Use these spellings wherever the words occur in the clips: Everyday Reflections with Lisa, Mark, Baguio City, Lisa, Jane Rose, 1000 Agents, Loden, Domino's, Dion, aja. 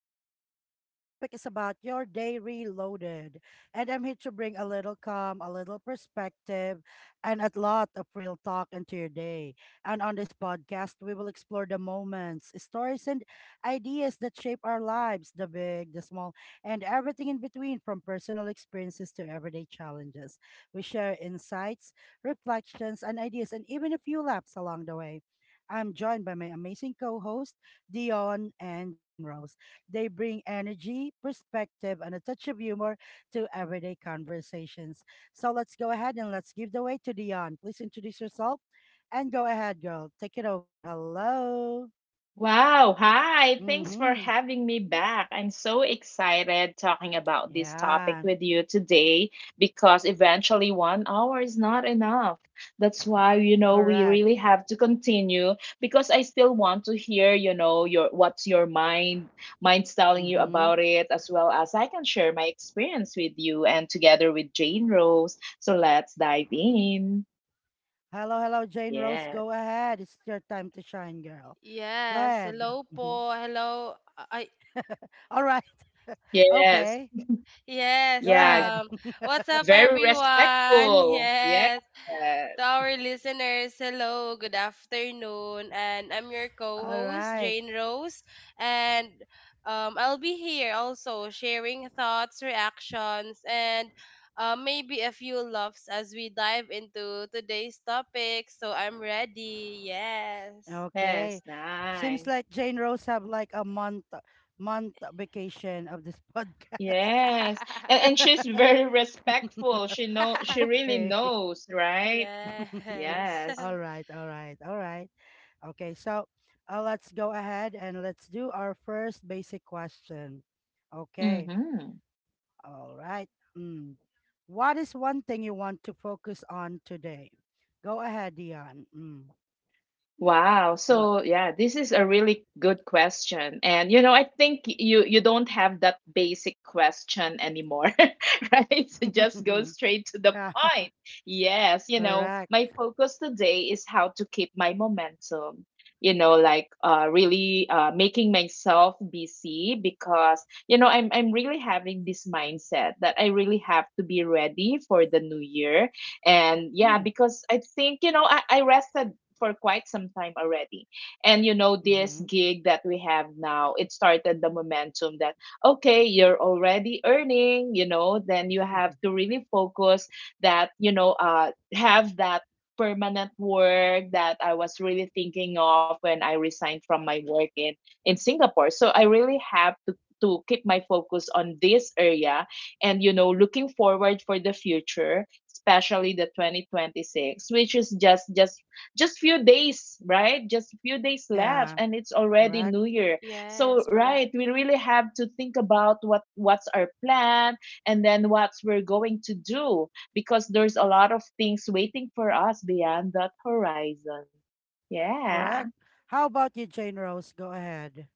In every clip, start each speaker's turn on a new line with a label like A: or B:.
A: Lisa. Our topic is about your day reloaded, and I'm here to bring a little calm, a little perspective, and a lot of real talk into your day. And on this podcast, we will explore the moments, stories, and ideas that shape our lives, the big, the small, and everything in between, from personal experiences to everyday challenges. We share insights, reflections, and ideas, and even a few laps along the way. I'm joined by my amazing co host, Dion and Jane Rose. They bring energy, perspective, and a touch of humor to everyday conversations. So let's go ahead and let's give the way to Dion. Please introduce yourself and go ahead, girl. Take it over. Hello.
B: Wow. Hi. Thanks for
A: Mm-hmm.
B: having me back. I'm so excited talking about this topic
A: Yeah,
B: with you today because eventually 1 hour is not enough. That's why, you know, we
A: correct.
B: really have to continue because I still want to hear, you know, your what's your mind's telling you
A: Mm-hmm.
B: about it, as well as I can share my experience with you and together with Jane Rose. So let's dive in.
A: Hello, hello, Jane Rose.
B: Yes.
A: Go ahead. It's your time to shine, girl. Go
C: Yes, hello
A: ahead.
C: po.
A: Mhm.
C: Hello.
A: All right.
B: Yes.
A: Okay.
C: Yes,
A: Go
B: Yeah,
A: ahead.
C: um what's up
B: very
C: everyone?
B: respectful. Yes.
C: Yes. To our listeners, hello, good afternoon. And I'm your
A: All
C: co-host
A: right.
C: Jane Rose and I'll be here also sharing thoughts, reactions, and maybe a few laughs as we dive into today's topic. So I'm ready. Yes.
B: Yes,
A: Okay. Seems
B: nice.
A: like Jane Rose have like a month vacation of this podcast.
B: Yes. And she's very respectful. She really
A: Okay.
B: knows, right?
C: Yes.
B: Yes.
A: All right, all right, all right. Okay, so let's go ahead and let's do our first basic question. Okay.
B: Mm-hmm.
A: All right. Mm. What is one thing you want to focus on today? Go ahead, Dion. Mm.
B: Wow.
A: What?
B: So yeah, this is a really good question. And you know, I think you don't have that basic question anymore, right? So just go straight to the
A: Yeah,
B: point. Yes, you know,
A: correct.
B: my focus today is how to keep my momentum. You know, like really making myself busy, because you know, I'm really having this mindset that I really have to be ready for the new year. And yeah,
A: Mm.
B: because I think, you know, I rested for quite some time already. And you know, this
A: Mm-hmm.
B: gig that we have now, it started the momentum that, okay, you're already earning, you know, then you have to really focus that, you know, have that permanent work that I was really thinking of when I resigned from my work in Singapore. So I really have to keep my focus on this area, and you know, looking forward for the future, especially the 2026, which is just few days, right? Just few days left,
A: Yeah,
B: and it's already
A: correct,
B: new year. So
C: Yes,
B: right,
C: correct.
B: we really have to think about what's our plan, and then what we're going to do, because there's a lot of things waiting for us beyond that horizon, yeah.
A: correct. How about you, Jane Rose? Go ahead.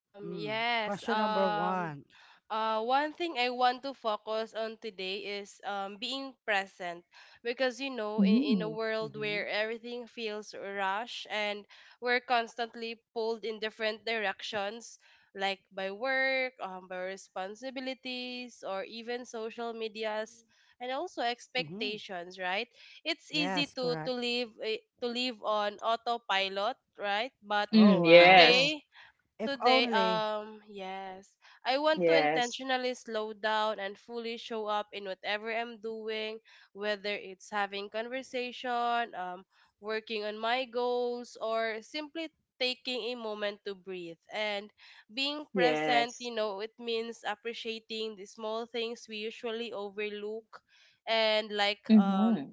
C: Um,
A: Mm.
C: yes.
A: Question number
C: Um,
A: one.
C: One thing I want to focus on today is being present, because you know, in
B: Mm.
C: a world
A: Mm-hmm.
C: where everything feels rushed and we're constantly pulled in different directions, like by work, by responsibilities, or even social medias and also
A: Mm-hmm.
C: expectations, right? It's easy
A: Yes,
C: to
A: correct.
C: live to live on autopilot, right? But
A: Oh
B: Mm,
A: wow. Oh,
B: yes,
C: today
A: if
C: today,
A: only.
C: yes, I want to
B: yes,
C: intentionally slow down and fully show up in whatever I'm doing, whether it's having conversation, working on my goals, or simply taking a moment to breathe. And being
B: yes.
C: present, you know, it means appreciating the small things we usually overlook, and
B: Mm-hmm.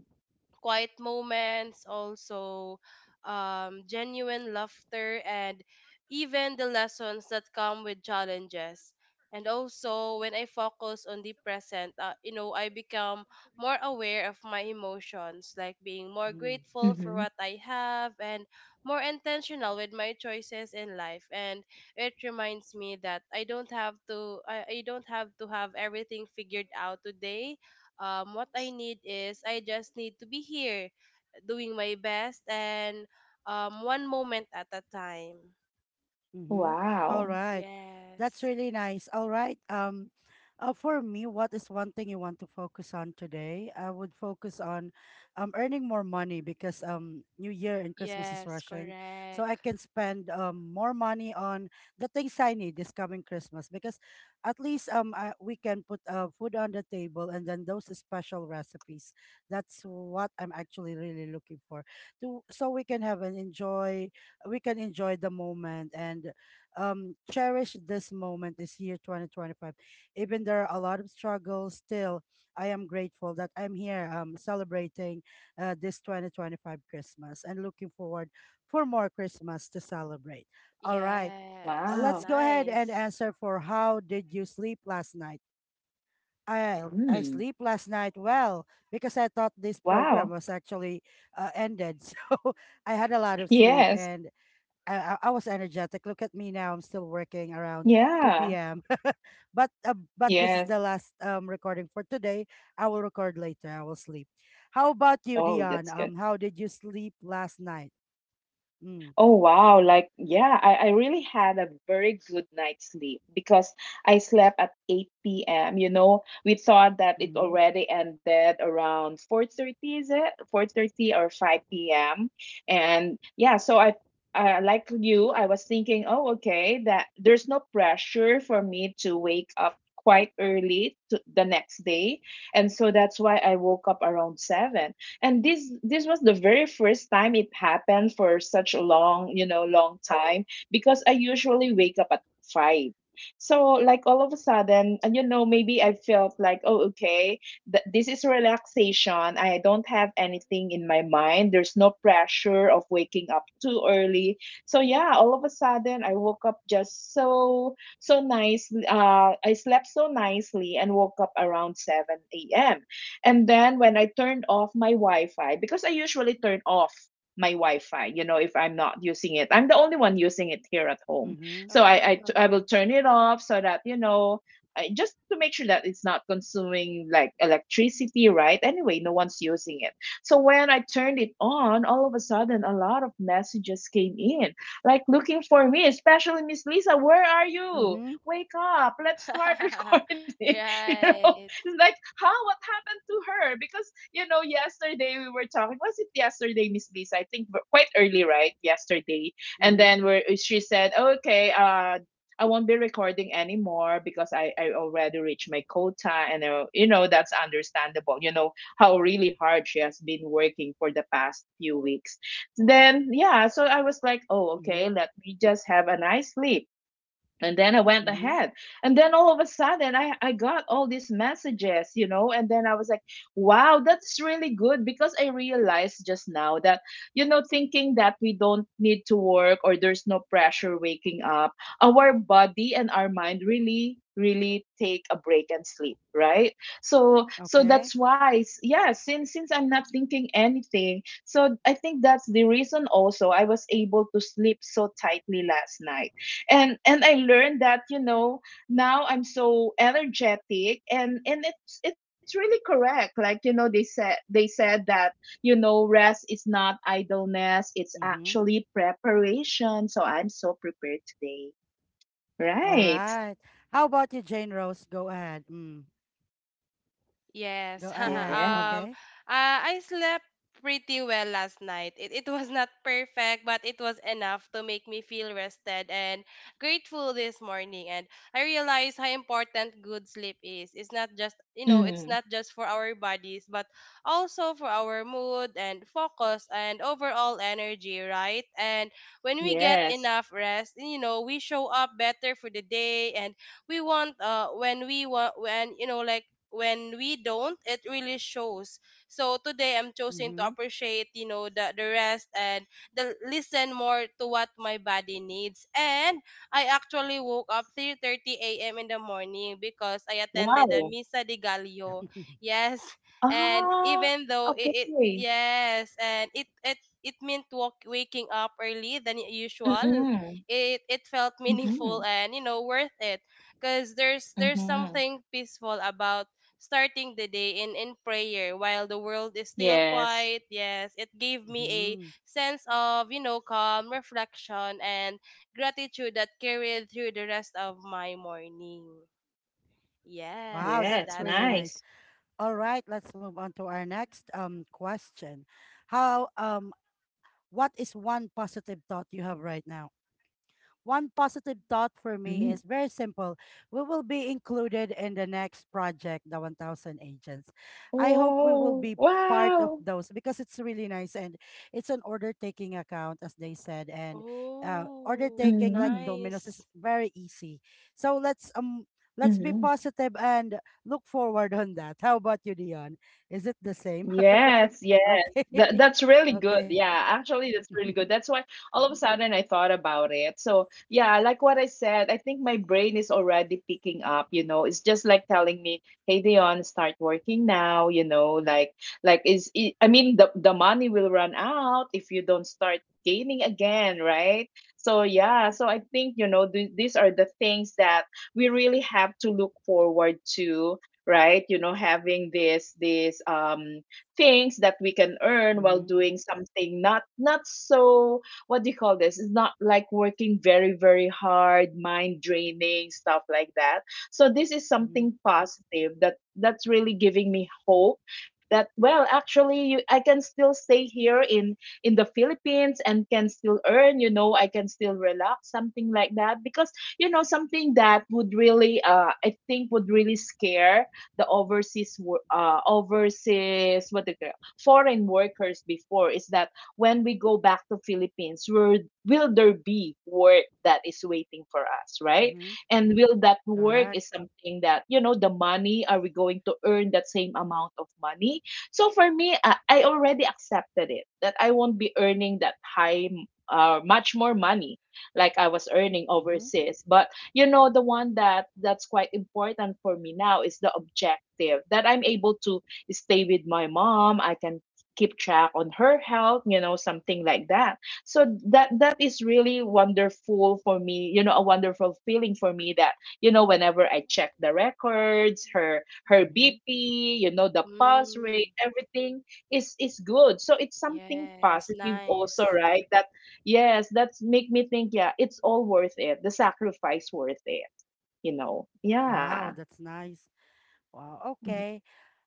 C: quiet moments, also genuine laughter, and even the lessons that come with challenges. And also, when I focus on the present, you know, I become more aware of my emotions, like being more
A: Mm,
C: grateful
B: Mm-hmm.
C: for what I have and more intentional with my choices in life. And it reminds me that I don't have to have everything figured out today. What I need is I just need to be here doing my best and one moment at a time.
A: mm-hmm.
C: Y-
A: All
B: Wow.
A: right. That's
C: Yes.
A: really nice. All right. For me, what is one thing you want to focus on today? I would focus on earning more money because New Year and Christmas is
C: Yes,
A: rushing. So I
C: correct.
A: can spend more money on the things I need this coming Christmas because at least we can put food on the table and then those special recipes. That's what I'm actually really looking for. To, so we can have an enjoy we can enjoy the moment and cherish this moment this year 2025, even there are a lot of struggles. Still, I am grateful that I'm here celebrating this 2025 Christmas and looking forward for more Christmas to celebrate. All right,
C: Yes.
A: let's
B: Wow.
A: go ahead and
C: Nice.
A: answer for how did you sleep last night. I I
B: Mm.
A: sleep last night well because I thought this
B: Wow.
A: program was actually ended, so I had a lot of sleep
B: Yes.
A: and I was energetic. Look at me now. I'm still working around
B: Yeah.
A: 2 p.m. but this is
B: Yes.
A: the last recording for today. I will record later. I will sleep. How about you,
B: Oh,
A: Dion?
B: that's good.
A: How did you sleep last night? Mm.
B: Oh wow, like yeah, I really had a very good night's sleep because I slept at 8 p.m. You know, we thought that it
A: Mm-hmm.
B: already ended around 4:30, is it? 4:30 or 5 p.m. And yeah, so I like you, I was thinking, oh okay, that there's no pressure for me to wake up quite early to the next day. And so that's why I woke up around 7, and this was the very first time it happened for such a long, you know, long time, because I usually wake up at 5. So like, all of a sudden, and you know, maybe I felt like oh okay, this is relaxation. I don't have anything in my mind. There's no pressure of waking up too early. So yeah, all of a sudden I woke up just so nicely. Uh, I slept so nicely and woke up around 7 a.m. And then when I turned off my Wi-Fi, because I usually turn off my Wi-Fi, you know, if I'm not using it, I'm the only one using it here at home.
A: Mm-hmm.
B: So I
C: Oh.
B: will turn it off so that, you know, I, just to make sure that it's not consuming like electricity, right? Anyway, no one's using it. So when I turned it on, all of a sudden, a lot of messages came in, like looking for me, especially Miss Lisa. Where are you?
A: Mm-hmm.
B: Wake up! Let's start recording. you know,
C: Right.
B: like, huh? What happened to her? Because, you know, yesterday we were talking. Was it yesterday, Miss Lisa? I think quite early, right? Yesterday. And
A: Mm-hmm.
B: then where she said, okay, I won't be recording anymore because I already reached my quota. And, you know, that's understandable. You know, how really hard she has been working for the past few weeks. Then, yeah, so I was like, oh, okay,
A: Mm-hmm.
B: let me just have a nice sleep, and then I went
A: Mm-hmm.
B: ahead, and then all of a sudden I got all these messages, you know, and then I was like, wow, that's really good, because I realized just now that, you know, thinking that we don't need to work or there's no pressure waking up, our body and our mind really really take a break and sleep, right? So
A: Okay.
B: that's why, yeah, since I'm not thinking anything, so I think that's the reason also I was able to sleep so tightly last night. And I learned that, you know, now I'm so energetic. And it's really correct. Like, you know, they said that, you know, rest is not idleness, it's
A: Mm-hmm.
B: actually preparation. So I'm so prepared today,
A: All
B: right?
A: right. How about you, Jane Rose? Go ahead. Mm.
C: Yes.
A: Go ahead.
B: Yeah.
A: Okay.
C: I slept pretty well last night. It was not perfect, but it was enough to make me feel rested and grateful this morning. And I realized how important good sleep is. It's not just, you know, it's
B: Mm.
C: not just for our bodies, but also for our mood and focus and overall energy, right? And when we get
B: Yes.
C: enough rest, you know, we show up better for the day, and we want when we want when you know like when we don't, it really shows. So today I'm choosing to
A: Mm-hmm.
C: appreciate, you know, the rest, and the listen more to what my body needs. And I actually woke up 3:30 a.m in the morning because I attended the
B: Wow.
C: Misa de Gallo. Yes. And
B: Ah.
C: even though it,
B: Okay.
C: it yes and it meant waking up early than usual,
B: Mm.
C: it felt meaningful,
B: Mm.
C: and you know, worth it, because there's
B: Mm.
C: something peaceful about starting the day in prayer while the world is still quiet.
B: Yes.
C: Yes, it gave me a
A: mm-hmm.
C: sense of, you know, calm, reflection, and gratitude that carried through the rest of my morning.
A: Wow,
C: Yes,
A: that's
B: Yes,
C: that's
A: really
C: it.
A: nice.
B: nice.
A: All right, let's move on to our next question. How what is one positive thought you have right now? One positive thought for me
B: Mm.
A: is very simple. We will be included in the next project, the 1000 Agents. I hope we will
B: Oh,
A: be part of
B: wow.
A: those because it's really nice and it's an order taking account, as they said. And order
C: Oh,
A: taking like
B: Mhm,
A: Domino's is
C: nice.
A: very easy. So let's be
B: mhm.
A: positive and look forward on that. How about you, Dion? Is it the same?
B: Yes, yes.
A: Okay,
B: That's really good.
A: okay.
B: Yeah, actually, that's really good. That's why all of a sudden I thought about it. So, yeah, like what I said, I think my brain is already picking up, you know. It's just like telling me, "Hey, Dion, start working now," you know, I mean, the money will run out if you don't start gaining again, right? So, yeah, so I think, you know, th these are the things that we really have to look forward to, right? You know, having this things that we can earn while
A: mm-hmm.
B: doing something, not so, what do you call this, it's not like working very very hard, mind draining stuff like that. So this is
A: Mm-hmm.
B: something positive that's really giving me hope, that well, actually I can still stay here in the Philippines and can still earn. You know, I can still relax, something like that, because you know, something that would really I think would really scare the overseas, overseas, what they call foreign workers before, is that when we go back to Philippines, will there be work that is waiting for us, right?
A: Mm-hmm.
B: And will that work
A: Correct.
B: is something that, you know, the money? Are we going to earn that same amount of money? So for me, I already accepted it that I won't be earning that high, much more money like I was earning
A: Mm-hmm.
B: overseas. But you know, the one that's quite important for me now is the objective that I'm able to stay with my mom. I can keep track on her health, you know, something like that. So that is really wonderful for me, you know, a wonderful feeling for me, that, you know, whenever I check the records, her
A: Hmm.
B: bp, you know, the pulse rate,
C: Mm,
B: everything is good. So it's something
C: yes,
B: positive also,
C: nice.
B: right? That, yes, that's make me think, yeah, it's all worth it. The sacrifice worth it, you know. Yeah.
A: Wow, that's nice. Wow, okay.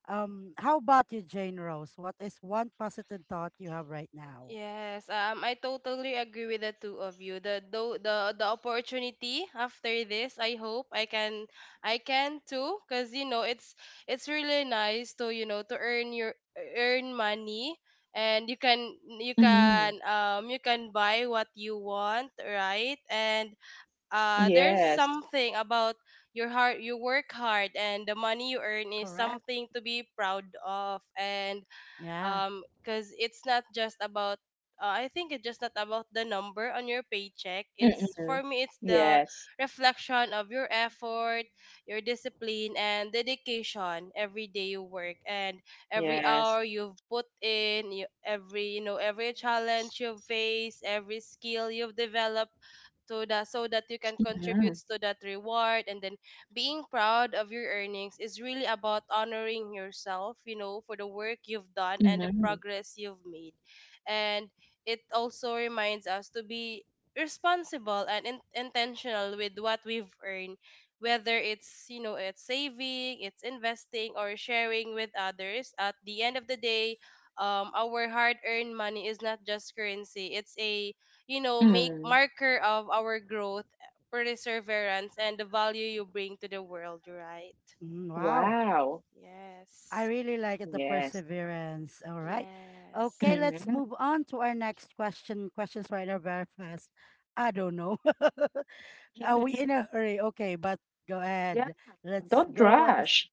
A: How about you, Jane Rose? What is one positive thought you have right now?
C: Yes, I totally agree with the two of you. The the opportunity after this, I hope I can, I can too, cause you know, it's really nice to, you know, to earn your, earn money, and you can,
B: Mm-hmm.
C: you can buy what you want, right? And there's
B: Yes.
C: something about your hard, you work hard, and the money you earn is
A: Correct.
C: something to be proud of. And
A: Yeah.
C: because it's not just about, I think it's just not about the number on your paycheck. It's,
B: Mm-hmm.
C: for me, it's the
B: Yes.
C: reflection of your effort, your discipline, and dedication every day you work, and
B: Yes.
C: every hour you've put in, every, you know, every challenge you've faced, every skill you've developed, to the, so that you can
B: Mm-hmm.
C: contribute to that reward. And then being proud of your earnings is really about honoring yourself, you know, for the work you've done and the progress you've made. And it also reminds us to be responsible and intentional with what we've earned, whether it's, you know, it's saving, it's investing, or sharing with others. At the end of the day, our hard earned money is not just currency, it's a, you know, make
B: Mm-hmm.
C: marker of our growth, perseverance, and the value you bring to the world, right?
A: Mhm. Wow.
B: Wow.
A: I
C: Yes.
A: really like it, the
B: Yes.
A: perseverance. All right.
C: Yes.
A: Okay, let's
B: Mm-hmm.
A: move on to our next question. Questions right now very fast. I don't know. Are we in a hurry? Okay, but go
B: Yeah.
A: ahead. Let's
B: Don't
A: go. What is
B: rush.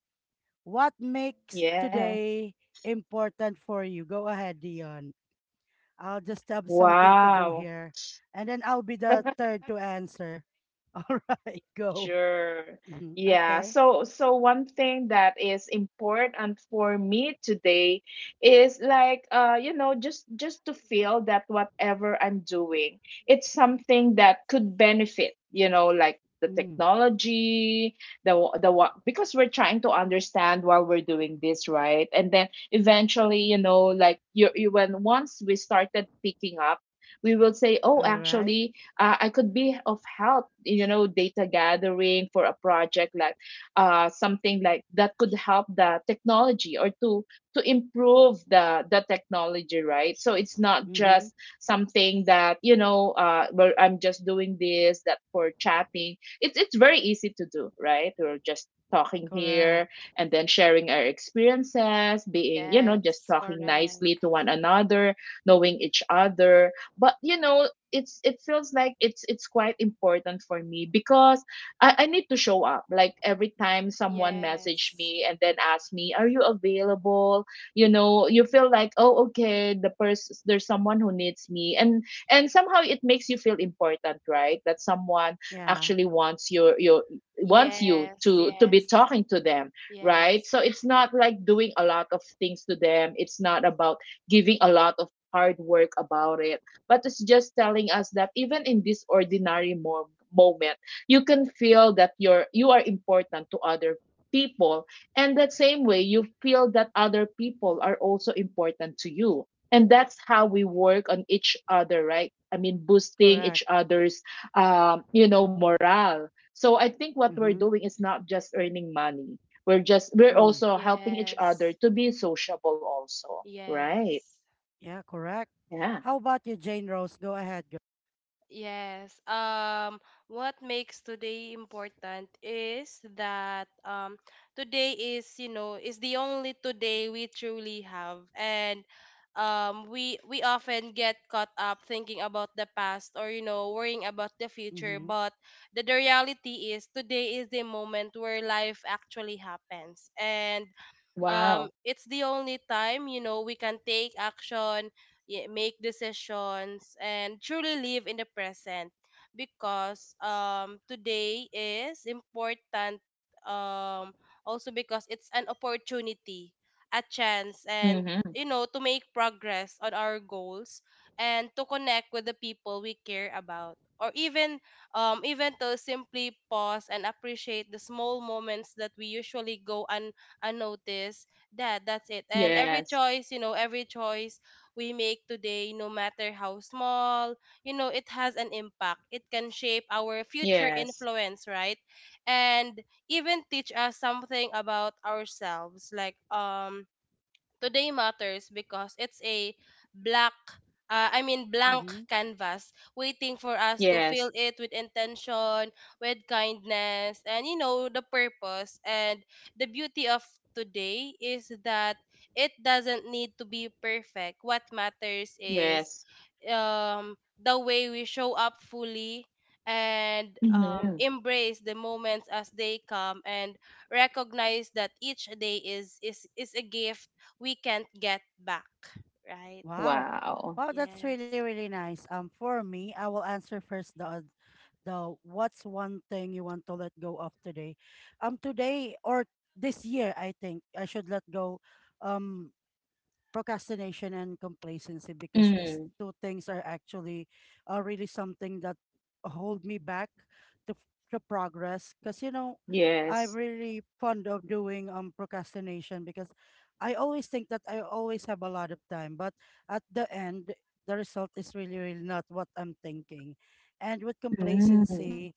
A: what makes
B: Yeah.
A: today important for you? Go ahead, Dion. I'll just have something to do
B: Wow.
A: here. And then I'll be the third to answer. All right, go.
B: Sure.
A: Hmm.
B: Yeah.
A: Okay.
B: So one thing that is important for me today is like, you know, just to feel that whatever I'm doing, it's something that could benefit, you know, like the
A: Mm.
B: technology, the what, because we're trying to understand while we're doing this, right? And then eventually, you know, like you when once we started picking up, we will say, "Oh,
A: All right.
B: actually, I could be of help, you know, data gathering for a project like something like that could help the technology, or to improve the technology, right? So it's not
A: Mm-hmm.
B: just something that, you know, where I'm just doing this, that for chatting. It's very easy to do, right? We're just talking here,
A: Correct.
B: and then sharing our experiences, being, you know, just
C: Yes.
B: talking nicely
C: Correct.
B: to one another, knowing each other. But you know, it feels like it's quite important for me, because I need to show up. Like, every time someone message
C: Yes.
B: me and then ask me, are you available, you know, you feel like oh okay, the person, there's someone who needs me. And somehow it makes you feel important, right? That someone
A: Yeah,
B: actually wants your wants you
C: Yes.
B: to be
C: Yes.
B: talking to them, right?
C: Yes.
B: So it's not like doing a lot of things to them. It's not about giving a lot of hard work about it, but it's just telling us that even in this ordinary moment, you can feel that you are important to other people, and that same way you feel that other people are also important to you, and that's how we work on each other, right? I mean, boosting each
A: correct.
B: other's, you know, morale. So I think what we're
A: Mm-hmm.
B: doing is not just earning money. We're
A: Mm.
B: also helping each other
C: Yes.
B: to be sociable also. Right.
C: Yes.
A: Yeah, correct.
B: Yeah.
A: How about you, Jane Rose? Go ahead, girl.
C: Yes. What makes today important is that today is, you know, is the only today we truly have. And we, often get caught up thinking about the past, or you know, worrying about the future.
A: Mm-hmm.
C: But the reality is, today is the moment where life actually happens. And
B: Wow.
C: it's the only time, you know, we can take action, make decisions, and truly live in the present, because today is important, um also because it's an opportunity, a chance, and
B: Mm-hmm.
C: you know, to make progress on our goals, and to connect with the people we care about, or even even to simply pause and appreciate the small moments that we usually go and notice. That's it. And
B: Yes,
C: every choice, you know, every choice we make today, no matter how small, you know, it has an impact. It can shape our future
B: yes,
C: influence, right? And even teach us something about ourselves. Like today matters because it's a black I mean blank
A: Mm-hmm.
C: canvas waiting for us to
B: yes,
C: fill it with intention, with kindness, and you know, the purpose. And the beauty of today is that it doesn't need to be perfect. What matters is,
B: yes.
C: um, the way we show up fully, and
B: Mhm.
C: embrace the moments as they come, and recognize that each day is a gift we can't get back, right?
A: Wow.
B: Wow.
A: Wow, that's really,
C: Yes.
A: really nice. For me, I will answer first the though, what's one thing you want to let go of today? Today or this year, I think I should let go. Um, procrastination and complacency, because these
B: Mm,
A: two things are actually are really something that hold me back to, to progress, because you know I'm
B: yes.
A: really fond of doing procrastination, because I always think that I always have a lot of time, but at the end the result is really really not what I'm thinking. And with
B: Mm,
A: complacency,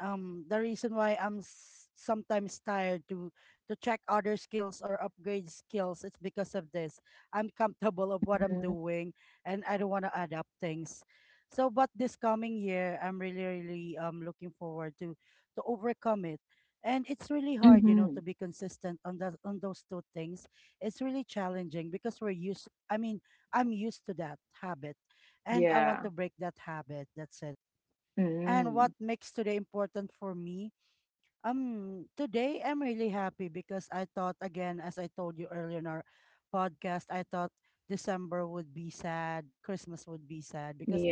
A: the reason why I'm sometimes tired to check other skills or upgrade skills, it's because of this. I'm comfortable of what I'm
B: mhm,
A: doing and I don't want to adapt things. So but this coming year I'm really really looking forward to overcome it. And it's really hard, you know, to
B: mhm.
A: be consistent on that on those two things. It's really challenging because we're used I mean, I'm used to that habit and I want
B: Yeah.
A: to break that habit. That's it. And what
B: Mm,
A: makes today important for me? Today I'm really happy because I thought again, as I told you earlier in our podcast, I thought December would be sad, Christmas would be sad,
B: yeah.
A: because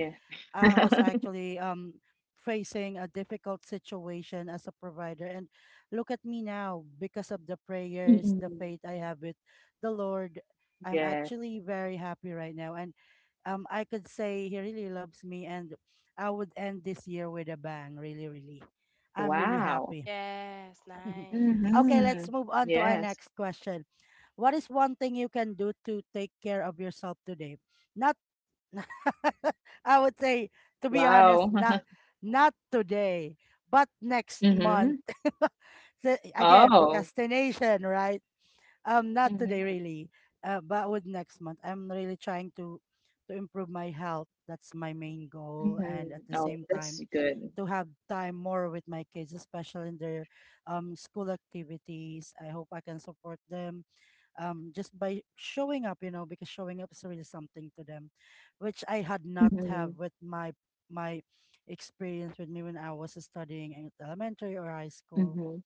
A: I was actually facing a difficult situation as a provider, and look at me now because of the
B: Mm,
A: prayers, the faith I have with the Lord. I'm
B: yes.
A: actually very happy right now. And I could say he really loves me, and I would end this year with a bang. Really, really, I'm really
B: Wow.
A: happy.
C: Yes.
A: Okay,
C: Nice.
A: let's
B: Hmm.
A: move on to our
B: Yes.
A: next question. What is one thing you can do to take care of yourself today? Not, I would say, to be honest,
B: Wow.
A: not today, but next month.
B: Hmm.
A: So, again,
B: Oh.
A: procrastination, right? Not today
B: Mm-hmm.
A: really, but with next month. I'm really trying to improve my health. That's my main goal,
B: Mm-hmm.
A: and at the
B: Oh,
A: same
B: that's
A: time,
B: good.
A: to have time more with my kids, especially in their school activities. I hope I can support them just by showing up, you know, because showing up is really something to them, which I had not
B: Hmm,
A: have with my experience with me when I was studying in elementary or high school.
B: hmm,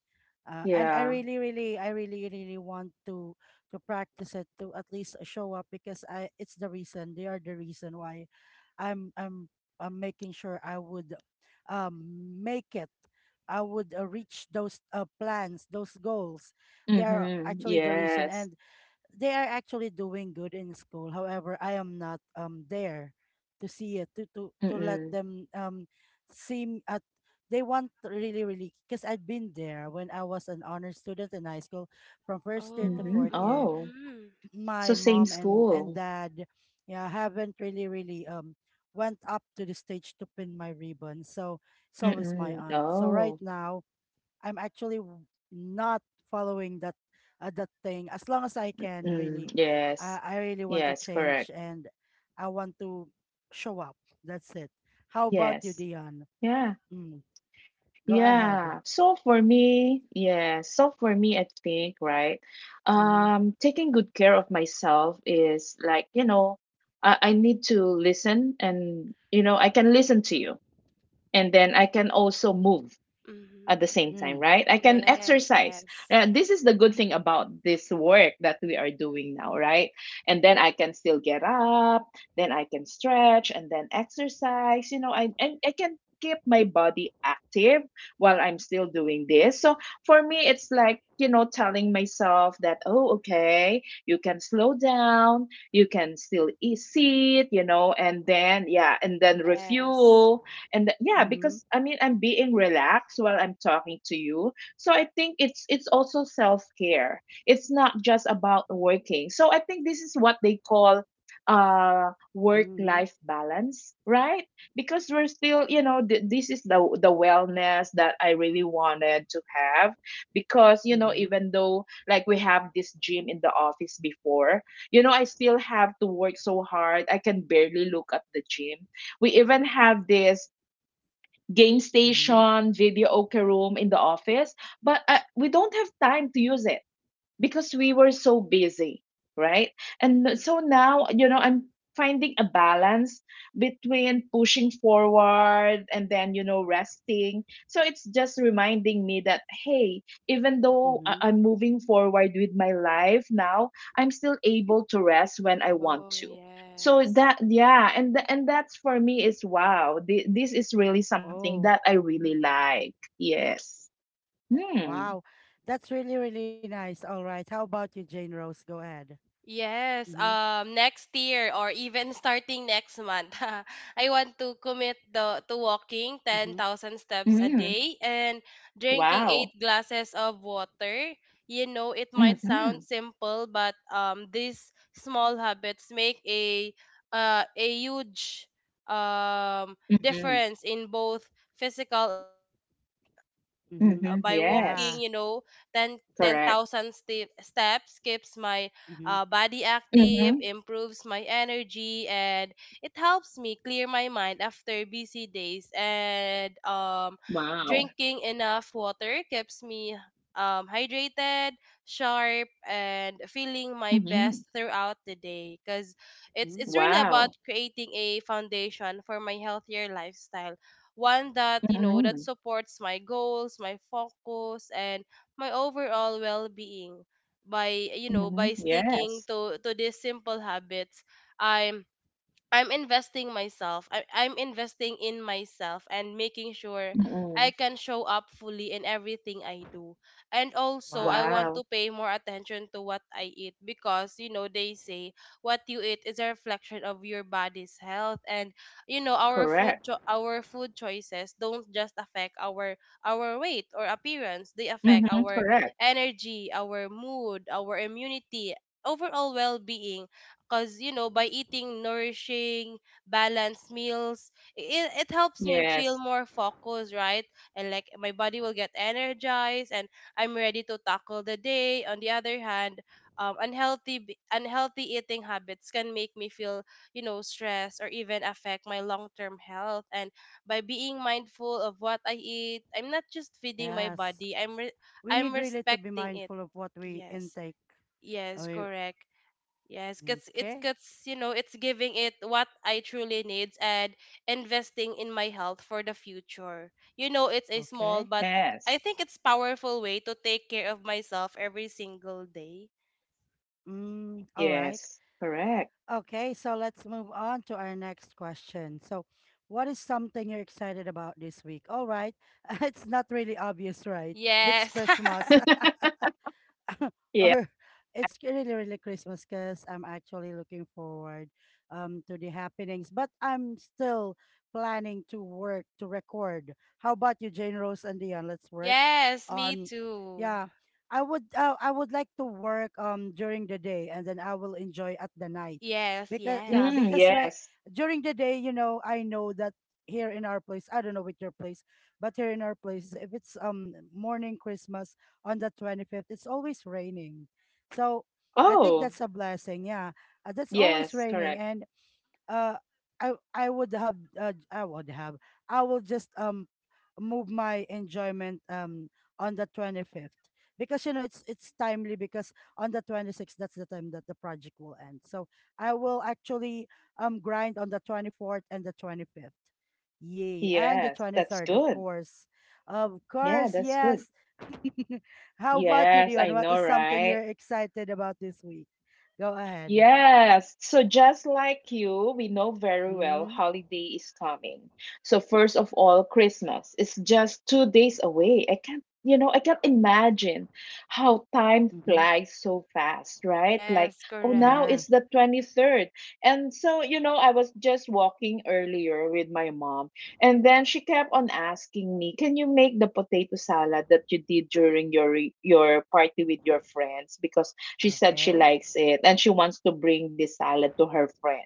A: And
B: yeah.
A: I really, really want to practice it, to at least show up, because I it's the reason, they are the reason why I'm I'm I'm making sure I would um make it. I would reach those plans, those goals. They are
B: Hmm.
A: actually the reason,
B: Yes.
A: and they are actually doing good in school. However, I am not there to see it, to let
B: Mm-mm.
A: them seem at they want really really, because I've been there when I was an honor student in high school from first year to
C: Oh.
B: Mhm.
A: fourth year.
B: Oh,
C: Mhm.
B: so
A: My
B: same
A: mom and
B: school.
A: dad, yeah, haven't really really went up to the stage to pin my ribbon. So it's always my
B: Mm-mm.
A: aunt. So right
B: Oh,
A: now I'm actually w- not following that that thing. As long as I can really,
B: mm, yes.
A: I really want to
B: Yes,
A: change
B: correct.
A: and I want to show up. That's it. How about you,
B: Yes.
A: Dion?
B: Yeah.
A: Mm, go ahead.
B: So for me, I think, right?
A: Mhm.
B: Taking good care of myself is like, you know, I need to listen and, you know, I can listen to you. And then I can also move
C: Mhm.
B: at the same time,
A: Mm.
B: right? I can
C: Yes.
B: exercise.
C: Yes.
B: This is the good thing about this work that we are doing now, right? And then I can still get up, then I can stretch and then exercise. You know, I and I can keep my body active while I'm still doing this. So for me, it's like, you know, telling myself that, oh, okay, you can slow down, you can still eat, sit, you know, and then, yeah, and then
C: Yes.
B: refuel and yeah,
A: Mhm.
B: because I mean I'm being relaxed while I'm talking to you, so I think it's also self-care. It's not just about working, so I think this is what they call work
A: Mhm.
B: life balance, right? Because we're still, you know, this is the wellness that I really wanted to have, because you know,
A: Mhm.
B: even though like we have this gym in the office before, you know, I still have to work so hard I can barely look at the gym. We even have this game
A: Mhm.
B: station, video okay room in the office, but we don't have time to use it because we were so busy, right? And so now, you know, I'm finding a balance between pushing forward and then, you know, resting. So it's just reminding me that, hey, even though
A: Mhm.
B: I'm moving forward with my life now, I'm still able to rest when I want
C: Oh.
B: to. So
C: Yes.
B: that yeah, and and that's for me is wow. This is really something
A: Oh,
B: that I really like. Yes. Hmm.
A: wow. That's really really nice. All right. How about you, Jane Rose? Go ahead.
C: Yes,
A: Mhm.
C: next year or even starting next month, I want to commit the to walking
A: Mhm.
C: 10,000 steps a
B: Mm.
C: day and drinking
B: Wow.
C: eight glasses of water. You know, it might sound
B: Hmm.
C: simple, but these small habits make a, a huge
B: Mhm.
C: difference in both physical and mental health, right?
A: Mhm.
B: Mhm.
C: By walking,
B: Yes.
A: Yeah.
C: you know, ten ten
B: Correct.
C: thousand 10,000 steps keeps my
A: Mhm.
C: body active,
B: Mhm.
C: improves my energy, and it helps me clear my mind after busy days. And
B: Wow.
C: drinking enough water keeps me hydrated, sharp, and feeling my best
B: Mhm.
C: throughout the day. Because it's
A: Mm.
C: really about
B: Wow.
C: creating a foundation for my healthier lifestyle, one that, you know, that
B: Mhm.
C: supports my goals, my focus, and my overall well-being, by, you know,
B: Mhm.
C: by sticking
B: Yes.
C: to these simple habits. i'm I'm investing myself. I'm investing in myself and making sure I
B: Mhm.
C: can show up fully in everything I do. And also, I want
A: Wow.
B: Wow.
C: to pay more attention to what I eat because, you know, they say what you eat is a reflection of your body's health. And you know, our food,
B: Correct.
C: our food choices don't just affect our weight or appearance. They
B: Mhm.
C: affect our
B: Correct.
C: energy, our mood, our immunity, overall well-being, because you know, by eating nourishing balanced meals, it helps me feel
B: Yes.
C: more focused, right? And like, my body will get energized and I'm ready to tackle the day. On the other hand, unhealthy, unhealthy eating habits can make me feel, you know, stressed, or even affect my long-term health. And by being mindful of what I eat, I'm not just feeding my
A: Yes.
C: body,
A: We
C: I'm
A: need really to be
C: respecting it.
A: mindful of what we
C: Yes.
A: intake.
C: Yes.
A: We-
C: Correct. Yes, cause it's,
A: okay,
C: cause you know, it's giving it what I truly needs, and investing in my health for the future. You know, it's a small,
A: okay.
C: but I
B: Yes.
C: think it's powerful way to take care of myself every single day.
A: Mm, all right.
B: Yes. Correct.
A: Okay, so let's move on to our next question. So, what is something you're excited about this week? All right. It's not really obvious, right? It's
C: Yes.
A: Christmas.
B: Yeah.
A: Or it's really really Christmas, because I'm actually looking forward to the happenings. But I'm still planning to work to record. How about you, Jane Rose and Dion? Let's work
C: Yes, me
A: on.
C: too.
A: Yeah, I would like to work during the day and then I will enjoy at the night
C: Yes,
A: because
B: Mm,
C: yes,
A: right,
B: yes.
A: during the day, you know, I know that here in our place, I don't know with your place, but here in our place if it's morning Christmas on the 25th, it's always raining. So I think
B: Oh,
A: that's a blessing. Yeah. That's always
B: yes.
A: raining.
B: Correct.
A: And uh, I would have, I will just move my enjoyment on the 25th, because you know it's timely because on the 26th that's the time that the project will end. So I will actually grind on the 24th and the 25th, yay, and the
B: Yes. That's
A: 23rd of
B: good.
A: course, of
B: Yeah,
A: course
B: that's good.
A: yes. How about you,
B: Yes,
A: Dion?
B: I
A: What
B: know,
A: is something
B: right?
A: you're excited about this week? Go ahead.
B: Yes. So just like you, we know very well
A: Mm,
B: holiday is coming. So first of all, Christmas is just 2 days away. I can't, you know, I can't imagine how time
A: mm-hmm.
B: flies so fast, right? Like,
C: yes,
B: oh, now
C: correct.
A: Yeah.
B: it's the 23rd. And so, you know, I was just walking earlier with my mom, and then she kept on asking me, "Can you make the potato salad that you did during your your party with your friends?" Because she said she
A: Okay.
B: likes it and she wants to bring this salad to her friend.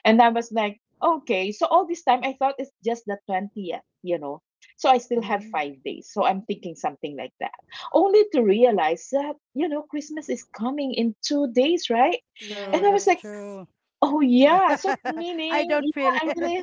B: And I was like, okay. So all this time I thought it's just the 20th, you know. So I still have
A: Mm,
B: 5 days. So I'm thinking something like that. Only to realize that, you know, Christmas is coming in 2 days, right? And
A: true.
B: I was
A: That's
B: like,
C: Yes.
A: true.
B: oh yeah. So
A: I
B: meaning,
A: don't
B: yeah,
A: feel
B: I
A: it.
B: really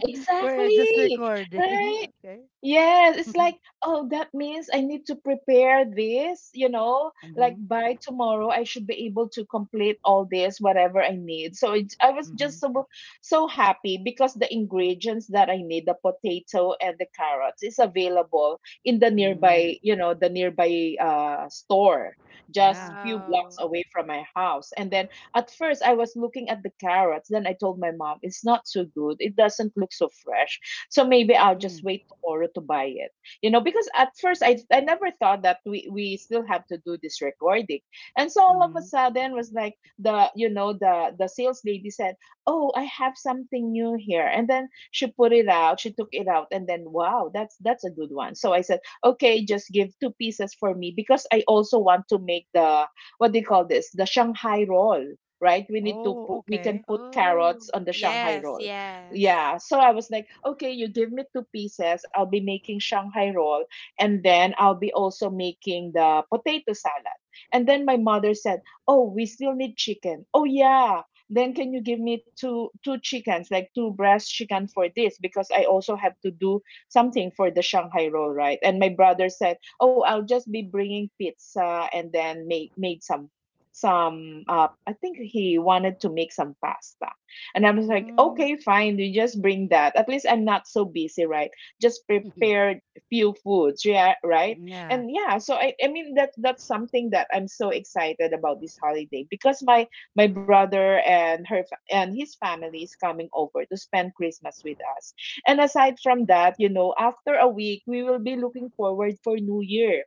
A: We're just
B: exactly.
A: recording.
B: Right.
A: Okay.
B: Yes, it's
A: mm-hmm.
B: like, oh, that means I need to prepare this, you know, like by tomorrow I should be able to complete all this, whatever I need. So it, I was
A: Mm-hmm.
B: just so happy because the ingredients that I need, the potato and the carrots, is available in the
A: Mm,
B: nearby, you know, the nearby store, just
A: yeah.
B: few blocks
C: Wow.
B: away from my house. And then at first, I was looking at the carrots. Then I told my mom, it's not so good. It doesn't look so fresh. So maybe I'll
A: Mm,
B: just wait tomorrow to buy it. You know, because at first, I never thought that we still have to do this recording. And so all of a
A: mm-hmm.
B: sudden was like the, you know, the sales lady said, oh, I have something new here. And then she put it out. She took it out. And then, wow, that's a good one. So I said, okay, just give two pieces for me because I also want to make what do you call this? The Shanghai roll, right? We need to put,
A: Oh,
B: we can
A: okay.
B: put
C: Oh,
B: carrots on the Shanghai
C: yes,
B: roll.
C: yes.
B: Yeah. So I was like, okay, you give me two pieces. I'll be making Shanghai roll. And then I'll be also making the potato salad. And then my mother said, oh, we still need chicken. Oh, yeah. Then can you give me two chickens, like two breast chicken for this? Because I also have to do something for the Shanghai roll, right? And my brother said, oh, I'll just be bringing pizza and then make made some I think he wanted to make some pasta. And I was like, okay,
A: Mm,
B: fine, you just bring that, at least I'm not so busy, right? Just prepare few foods, yeah, right.
A: yeah.
B: And yeah, so I mean that's something that I'm so excited about this holiday, because my brother and and his family is coming over to spend Christmas with us. And aside from that, you know, after a week we will be looking forward for new year,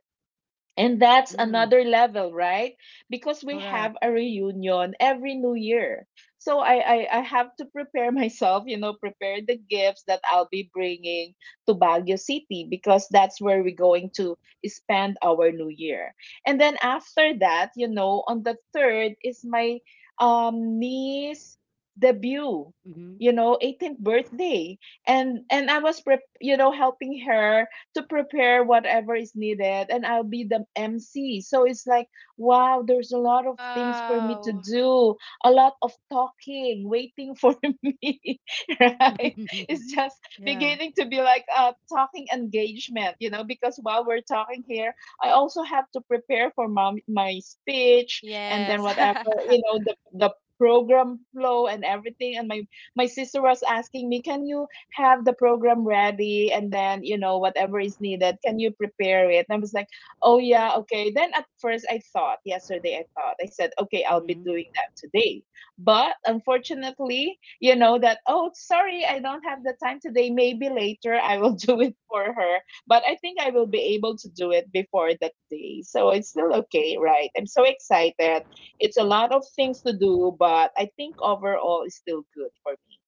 B: and that's
A: Mm,
B: another level, right? Because we have
A: correct.
B: a reunion every new year. So I have to prepare myself, you know, prepare the gifts that I'll be bringing to Baguio City because that's where we're going to spend our new year. And then after that, you know, on the third is my niece debut, you know, 18th birthday. And I was prep you know, helping her to prepare whatever is needed, and I'll be the MC. So it's like, wow, there's a lot of things for me to
C: Wow.
B: do, a lot of talking, waiting for me, right?
A: Mm-hmm.
B: It's just
A: yeah.
B: beginning to be like a talking engagement, you know, because while we're talking here, I also have to prepare for my speech and
C: Yes.
B: then whatever, you know, the program flow and everything. And my sister was asking me, can you have the program ready, and then you know whatever is needed can you prepare it. And I was like, oh yeah, okay. Then at first I thought yesterday, I thought, I said okay, I'll be
A: Mm-hmm.
B: doing that today. But unfortunately, you know that, oh sorry, I don't have the time today, maybe later I will do it for her. But I think I will be able to do it before that day, so it's still okay, right? I'm so excited. It's a lot of things to do, but I think overall it's still good for me.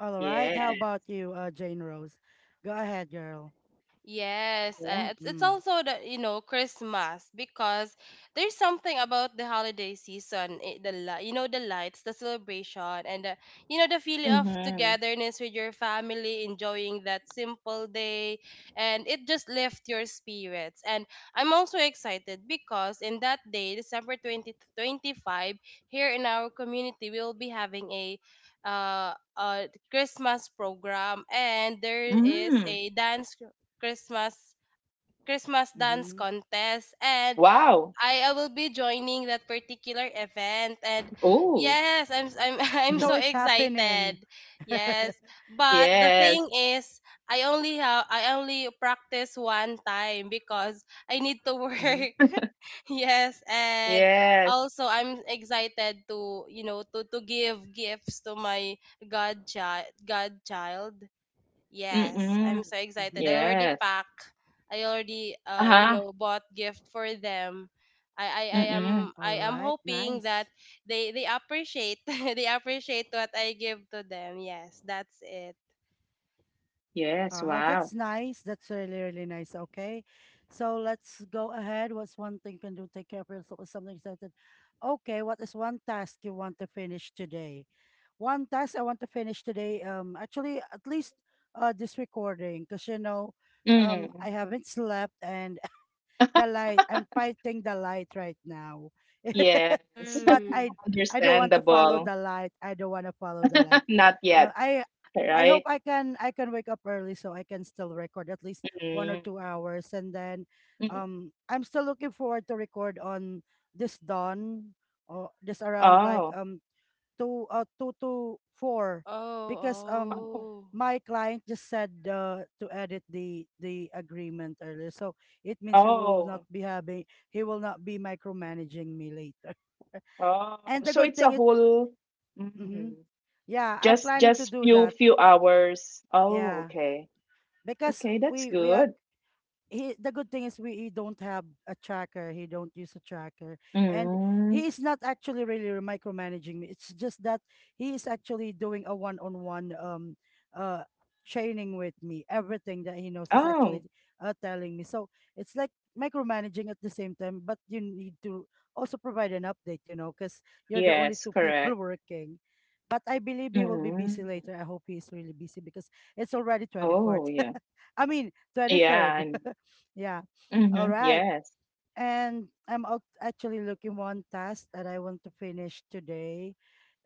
A: All
B: Yeah.
A: right. How about you, Jane Rose? Go ahead, girl.
C: Yes, it's
A: Mm.
C: also the, you know, Christmas, because there's something about the holiday season, you know, the lights, the celebration, and the, you know, the feeling of
B: Mhm.
C: togetherness with your family, enjoying that simple day, and it just lifts your spirits. And I'm also excited because in that day, December 20 25, here in our community, we'll be having a, a Christmas program, and there is
B: Mm.
C: a dance. Christmas Christmas dance
A: Mm-hmm.
C: contest. And
B: Wow.
C: I will be joining that particular event, and
B: Oh.
C: yes, I'm
B: Mhm.
C: I'm so
A: So it's
C: excited.
A: happening.
C: Yes,
A: mm-hmm.
C: but the
B: Yes.
C: thing is, I only practice one time because I need to work. Yes. And
B: Yes.
C: also I'm excited to, you know, to give gifts to my godchild. Yes, I'm
B: Mm-mm.
C: so excited. I already
A: Mm-hmm.
B: Yes.
C: pack. I already you
B: Uh-huh.
C: know bought gift for them. I
A: All
C: am,
B: Mm-mm.
C: I
A: right.
C: am
A: Nice.
C: hoping that they appreciate they appreciate what I give to them. Yes, that's it.
B: Yes.
A: Oh,
B: Wow.
A: that's nice. That's really, really nice. Okay. So let's go ahead. What's one thing you can do? Take care of yourself. What's something excited. Okay. What is one task you want to finish today? One task I want to finish today. Actually, at least this recording, because
B: Mm.
A: I haven't slept and the light. I'm fighting the light right now.
B: Yes.
A: but
C: Mm.
A: I I don't want to follow
B: Understandable.
A: the light. I don't want to follow the light.
B: Not
A: Uh,
B: yet,
A: I I hope
B: right?
A: I can wake up early so I can still record at least one or
B: Mm.
A: two hours and then
B: Mm.
A: I'm still looking forward to record on this dawn, or this around like
B: Oh.
A: two, two to four,
C: Oh,
A: because
B: Oh.
C: oh.
A: my client just said, to edit the agreement earlier, so it means we will not
B: Oh.
A: be having, he will not be micromanaging me later.
B: Oh.
A: And the
B: So
A: good
B: it's
A: thing
B: a
A: is,
B: whole mm,
A: mhm, yeah, I'm
B: just
A: planning to do
B: few
A: that.
B: few hours. Oh,
A: Yeah,
B: okay.
A: because
B: Okay, that's
A: we are,
B: good.
A: he, the good thing is we, he don't have a tracker, he don't use a tracker, and
B: Mm.
A: he is not actually really micromanaging me. It's just that he is actually doing a one-on-one uh training with me. Everything that he knows is actually
B: Oh.
A: telling me. So it's like micromanaging at the same time, but you need to also provide an update, you know, because you're the only
B: Yes,
A: two people
B: correct.
A: working. But I believe he will be
B: Mm.
A: busy later. I hope he's really busy, because it's already
B: Oh,
A: 24th.
B: yeah.
A: I mean,
B: Yeah,
A: 23rd.
B: and
A: yeah.
B: hmm,
A: All right.
B: yes.
A: And I'm out actually looking one task that I want to finish today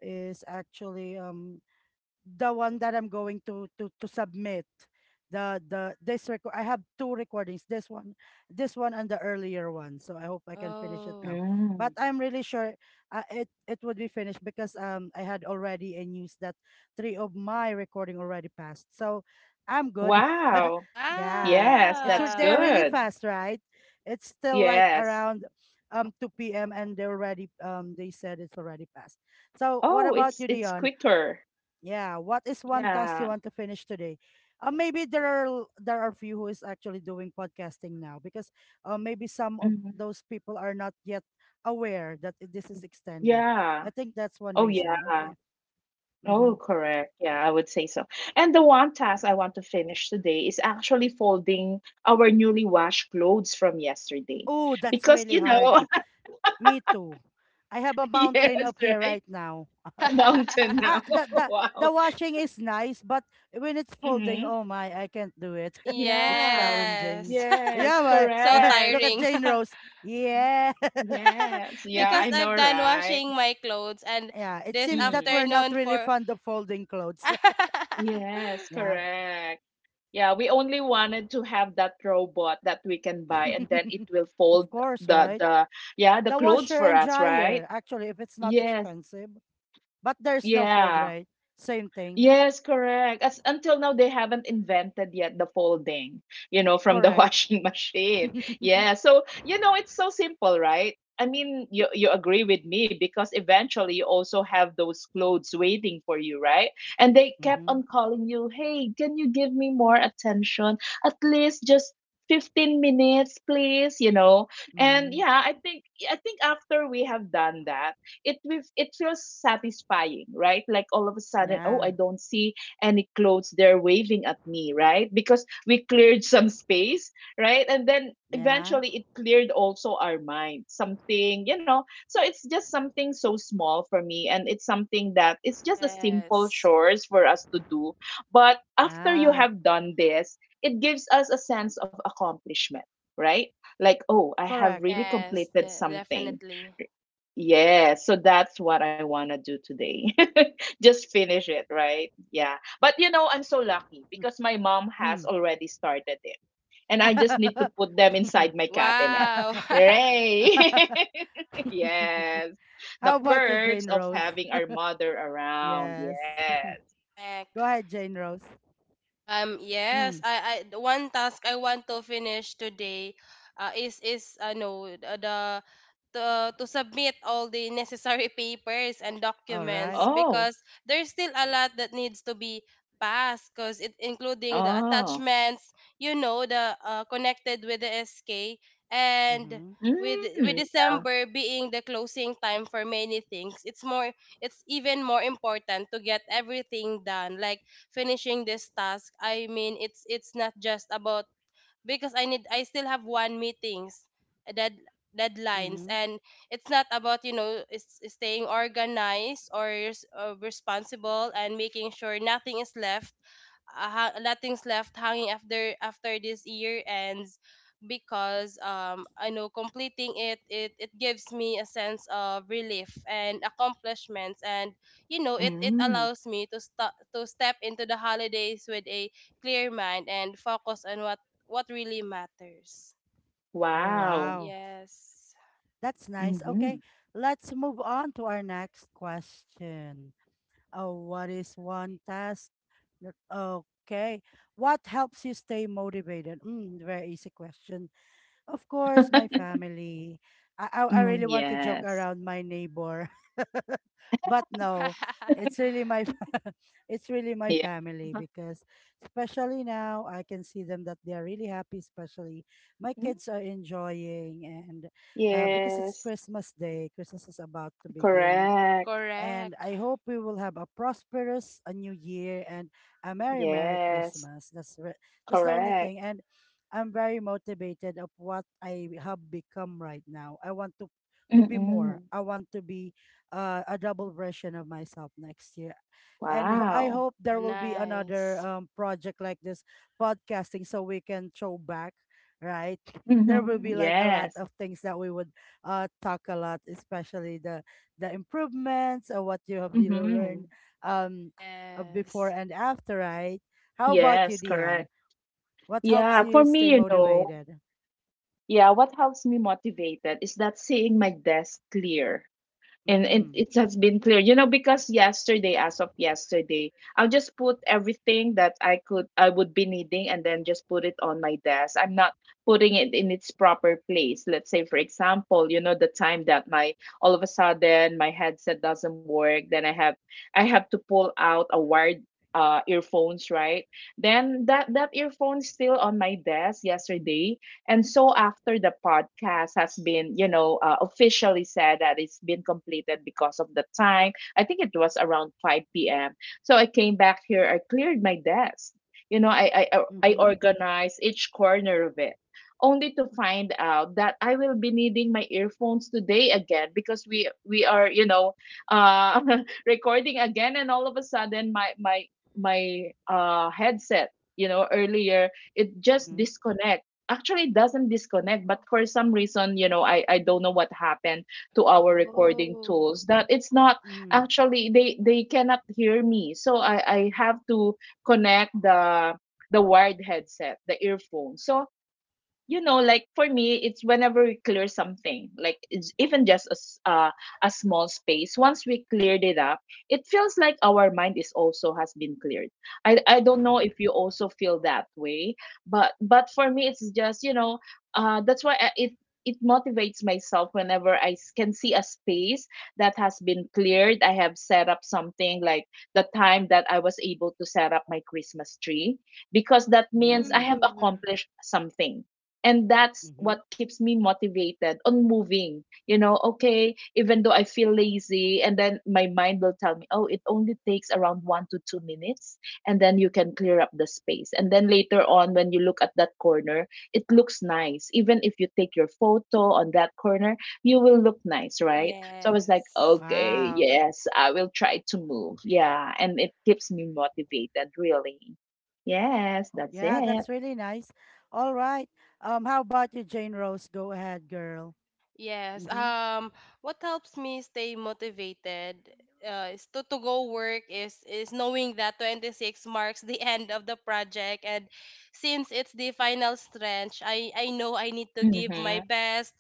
A: is actually the one that I'm going to submit, the this record. I have two recordings, this one, and the earlier one, so I hope I can finish it now.
C: Oh.
A: But
B: Mm.
A: I'm really sure it would be finished, because I had already a news that three of my recording already passed, so I'm good.
B: Wow.
A: Yeah,
B: Yes,
A: it's re-
B: that's
A: they're really
C: Wow.
B: good.
A: fast, right? It's still like
B: Yes.
A: around 2 p.m., and they already they said it's already passed. So what
B: Oh,
A: about you,
B: it's
A: Dion?
B: quicker.
A: Yeah, what is one task you
B: Yeah.
A: want to finish today? Maybe there are there are few who is actually doing podcasting now, because maybe some of
B: Hmm.
A: those people are not yet aware that this is extended.
B: Yeah.
A: I think that's one
B: Oh,
A: reason.
B: yeah.
A: Okay.
B: Oh,
A: Mm-hmm.
B: correct. Yeah, I would say so. And the one task I want to finish today is actually folding our newly washed clothes from yesterday.
A: Oh, that's
B: Because,
A: really
B: you know,
A: hard. Me too. I have a mountain
B: yes,
A: up here
B: right?
A: right now.
B: Mountain
A: Ah,
B: now.
A: the the the
B: Wow.
A: washing is nice, but when it's folding,
B: Mhm.
A: oh my, I can't do it. It's
B: Yeah.
A: challenging.
C: Yes.
B: Yes,
A: Yeah,
C: So
A: my,
B: correct.
A: look at
C: tiring.
A: Jane Rose. Yeah.
B: Yes. Yeah,
C: Because
B: I know,
C: I've done
B: right?
C: washing my clothes and
A: Yeah, it
C: this
A: seems that
B: Mm.
A: we're not
C: afternoon
A: really
C: for
A: fond of folding clothes.
B: Yes,
A: yeah.
B: correct. Yeah, we only wanted to have that robot that we can buy and then it will fold
A: Of course,
B: the
A: right?
B: the yeah, the
A: The
B: clothes
A: washer
B: for
A: and
B: us, right?
A: dryer, actually, if it's not
B: Yes.
A: expensive, but there's no fold,
B: Yeah.
A: right? Same thing.
B: Yes, correct. As until now they haven't invented yet the folding, you know, from the
A: Correct.
B: washing machine.
A: mhm.
B: Yeah. So, you know, it's so simple, right? I mean, you agree with me because eventually you also have those clothes waiting for you, right? And they kept on calling you, "Hey, can you give me more attention? At least just 15 minutes, please," you know. And
A: Mhm.
B: yeah, I think after we have done that, it feels satisfying, right? Like all of a sudden, oh, I
A: Yeah.
B: don't see any clothes. They're waving at me, right? Because we cleared some space, right? And then
A: Yeah.
B: eventually it cleared also our mind something, you know. So it's just something so small for me, and it's something that it's just a simple
C: yes.
B: chores for us to do. But after you
A: Yeah.
B: have done this, it gives us a sense of accomplishment, right? Like, oh, I have
A: Correct.
B: really
C: Yes,
B: completed something.
C: definitely.
B: Yeah, so that's what I want to do today. Just finish it, right? Yeah. But you know, I'm so lucky because my mom has
A: Mm.
B: already started it. And I just need to put them inside my cabinet.
C: Wow.
B: Hooray! yes.
A: How
B: The
A: about you,
B: perks
A: Jane
B: of
A: Rose?
B: having our mother around. Yes.
A: Yes.
C: Correct.
A: Go ahead, Jane Rose.
C: Um yes,
A: Mm.
C: I I the one task I want to finish today is no the to submit all the necessary papers and
A: All right.
C: documents
B: Oh,
C: because there's still a lot that needs to be passed because it including the
B: oh.
C: attachments you know the connected with the sk and
A: Mhm.
C: with
B: Mm, yeah.
C: december being the closing time for many things it's even more important to get everything done like finishing this task. It's not just about, because I need, I still have one meetings uh, dead deadlines,
A: Mhm.
C: and it's not about it's staying organized or responsible and making sure nothing is left nothing's left hanging after this year ends, because I know completing it it gives me a sense of relief and accomplishments, and it
B: Mm,
C: allows me to to step into the holidays with a clear mind and focus on what really matters.
A: Oh,
B: wow.
A: wow.
C: Yes.
A: That's nice. Okay,
B: Mm-hmm.
A: let's move on to our next question. Oh, what is one task? Okay, what helps you stay motivated? Mm, very easy question. Of course, my family. I
B: Mm,
A: really want to joke
B: yes.
A: around my neighbor, but no, it's really my it's really my
B: Yeah.
A: family, because especially now I can see them that they are really happy. Especially my
B: Mm,
A: kids are enjoying, and because it's
B: yes.
A: Christmas Day, Christmas is about to begin.
B: Correct.
A: And
C: Correct.
A: I hope we will have a prosperous a new year and a merry merry
B: Yes.
A: Christmas. That's the only
B: Correct.
A: thing. And I'm very motivated of what I have become right now. I want to be more.
B: Mm.
A: I want to be a double version of myself next year. And I
B: Wow.
A: hope
C: Wow,
A: there will be another
C: nice.
A: project like this, podcasting, so we can throw back, right? There will
B: Mhm.
A: be like a lot
B: Yes.
A: of things that we would talk a lot, especially the improvements, or what you have, you learned
B: Mhm.
A: um before
C: Yes.
A: and after, right? How about you,
B: Yes,
A: Dion?
B: correct.
A: What helps
B: Yeah, for
A: you stay
B: me,
A: motivated?
B: yeah, what helps me motivated is that seeing my desk clear, and it,
A: Mm.
B: it has been clear because yesterday, as of yesterday, I'll just put everything that I would be needing, and then just put it on my desk. I'm not putting it in its proper place. Let's say, for example, the time that my, all of a sudden, my headset doesn't work. Then I have to pull out a wired, earphones, right? Then that earphone still on my desk yesterday. And so, after the podcast has been, officially said that it's been completed because of the time, I think it was around 5 p.m. So I came back here, I cleared my desk. I
A: Mm-hmm.
B: organized each corner of it, only to find out that I will be needing my earphones today again because we are, uh recording again. And all of a sudden, my headset, earlier, it just
A: Mm-hmm.
B: disconnect. Actually doesn't disconnect, but for some reason, I don't know what happened to our recording
C: Oh.
B: tools, that it's not.
A: Mm-hmm.
B: Actually they cannot hear me, so I have to connect the wired headset, the earphone. So, like, for me, it's whenever we clear something, like, it's even just a small space. Once we cleared it up, it feels like our mind is also has been cleared. I don't know if you also feel that way, but for me, it's just, that's why I, it motivates myself whenever I can see a space that has been cleared. I have set up something, like the time that I was able to set up my Christmas tree, because that means I
A: Mm.
B: have
C: Mm.
B: accomplished something. And that's
A: Mm-hmm.
B: what keeps me motivated on moving. Okay, even though I feel lazy, and then my mind will tell me, oh, it only takes around 1 to 2 minutes, and then you can clear up the space, and then later on when you look at that corner, it looks nice. Even if you take your photo on that corner, you will look nice, right? So I was like,
C: Yes.
B: okay,
A: Wow.
B: yes, I will try to move. Yeah, and it keeps me motivated, really. Yes, that's
A: Yeah,
B: it.
A: that's really nice. All right. How about you, Jane Rose? Go ahead, girl.
C: Yes.
A: Mm-hmm.
C: What helps me stay motivated is to, to go work, is knowing that 26 marks the end of the project. And since it's the final stretch, I know I need to give
B: Mhm.
C: my best,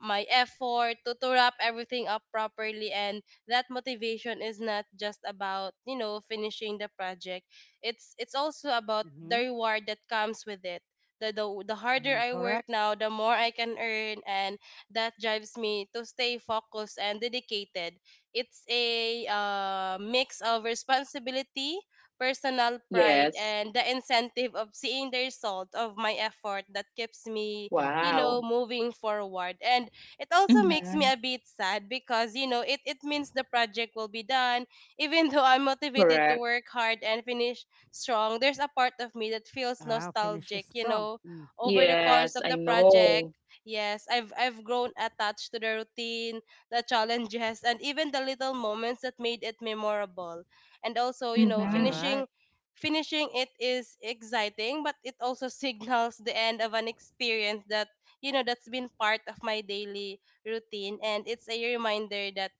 C: my effort, to wrap everything up properly. And that motivation is not just about finishing the project. It's also about the
A: Mm-hmm.
C: reward that comes with it. The harder
A: Mm,
C: I work
A: correct.
C: now, the more I can earn, and that drives me to stay focused and dedicated. It's a mix of responsibility, personal pride,
B: Yes.
C: and the incentive of seeing the result of my effort that keeps me,
A: Mm-hmm.
B: Wow.
C: moving forward. And it also makes me
B: Mhm.
C: a bit sad, because it, it means the project will be done. Even though I'm motivated to
B: Correct.
C: work hard and finish strong, there's a part of me that feels
A: Wow, finish is
C: nostalgic.
A: strong. Mm.
C: Over the course
B: Yes,
C: of
B: I
C: the project,
B: know.
C: yes, I've grown attached to the routine, the challenges, and even the little moments that made it memorable. And also,
A: All
B: Mhm.
A: right.
C: finishing it is exciting, but it also signals the end of an experience that, that's been part of my daily routine. And it's a reminder that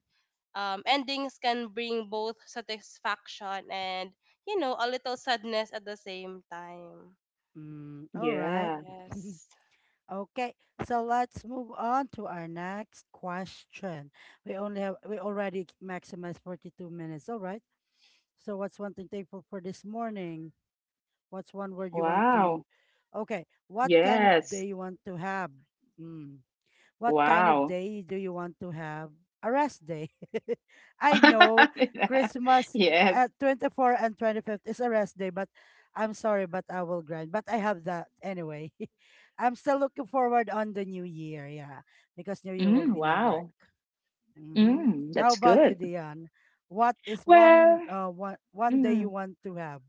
C: endings can bring both satisfaction and, a little sadness at the same time.
A: Mm, all right.
B: Yeah.
C: Yes.
A: Okay, so let's move on to our next question. We only have we already maximized 42 minutes. All right. So what's one thing thankful for this morning? What's one word you want
B: Wow.
A: to, okay, what kind of
B: Yes.
A: day you want to have? Mm. What kind of
B: Wow.
A: day do you want to have? A rest day. I know Christmas
B: Yes.
A: at 24 and 25th is a rest day, but I'm sorry, but I will grind. But I have that anyway. I'm still looking forward on the new year, yeah, because new year will
B: Mm,
A: be no work.
B: wow.
A: Hmm.
B: Mm,
A: How
B: that's
A: about you,
B: good.
A: Dion? What is one
B: Well,
A: day you
B: mm,
A: want to have?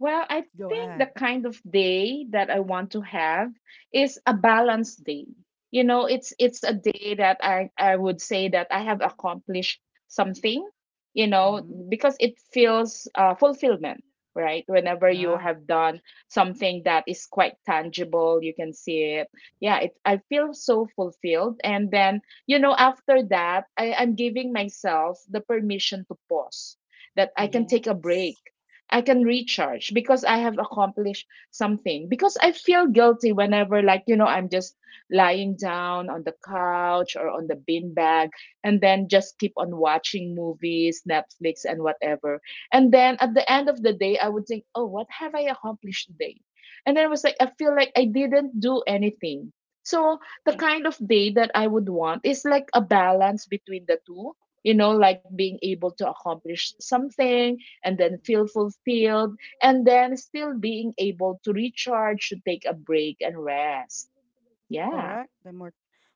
B: I
A: Go
B: think the
A: ahead.
B: kind of day that I want to have is a balanced day. It's a day that I would say that I have accomplished something,
A: Mm-hmm.
B: because it feels, fulfillment, right? Whenever you
A: Yeah.
B: have done something that is quite tangible, you can see it. Yeah, it I feel so fulfilled, and then, after that, I'm giving myself the permission to pause, that
C: Oh,
B: I can
A: Mm-hmm.
B: take a break,
C: yes.
B: I can recharge because I have accomplished something. Because I feel guilty whenever, like, I'm just lying down on the couch or on the beanbag, and then just keep on watching movies, Netflix, and whatever. And then at the end of the day, I would think, oh, what have I accomplished today? And then I was like, I feel like I didn't do anything. So the kind of day that I would want is like a balance between the two, like being able to accomplish something, and then feel fulfilled, and then still being able to recharge, to take a break and rest. Yeah,
A: Correct? The more,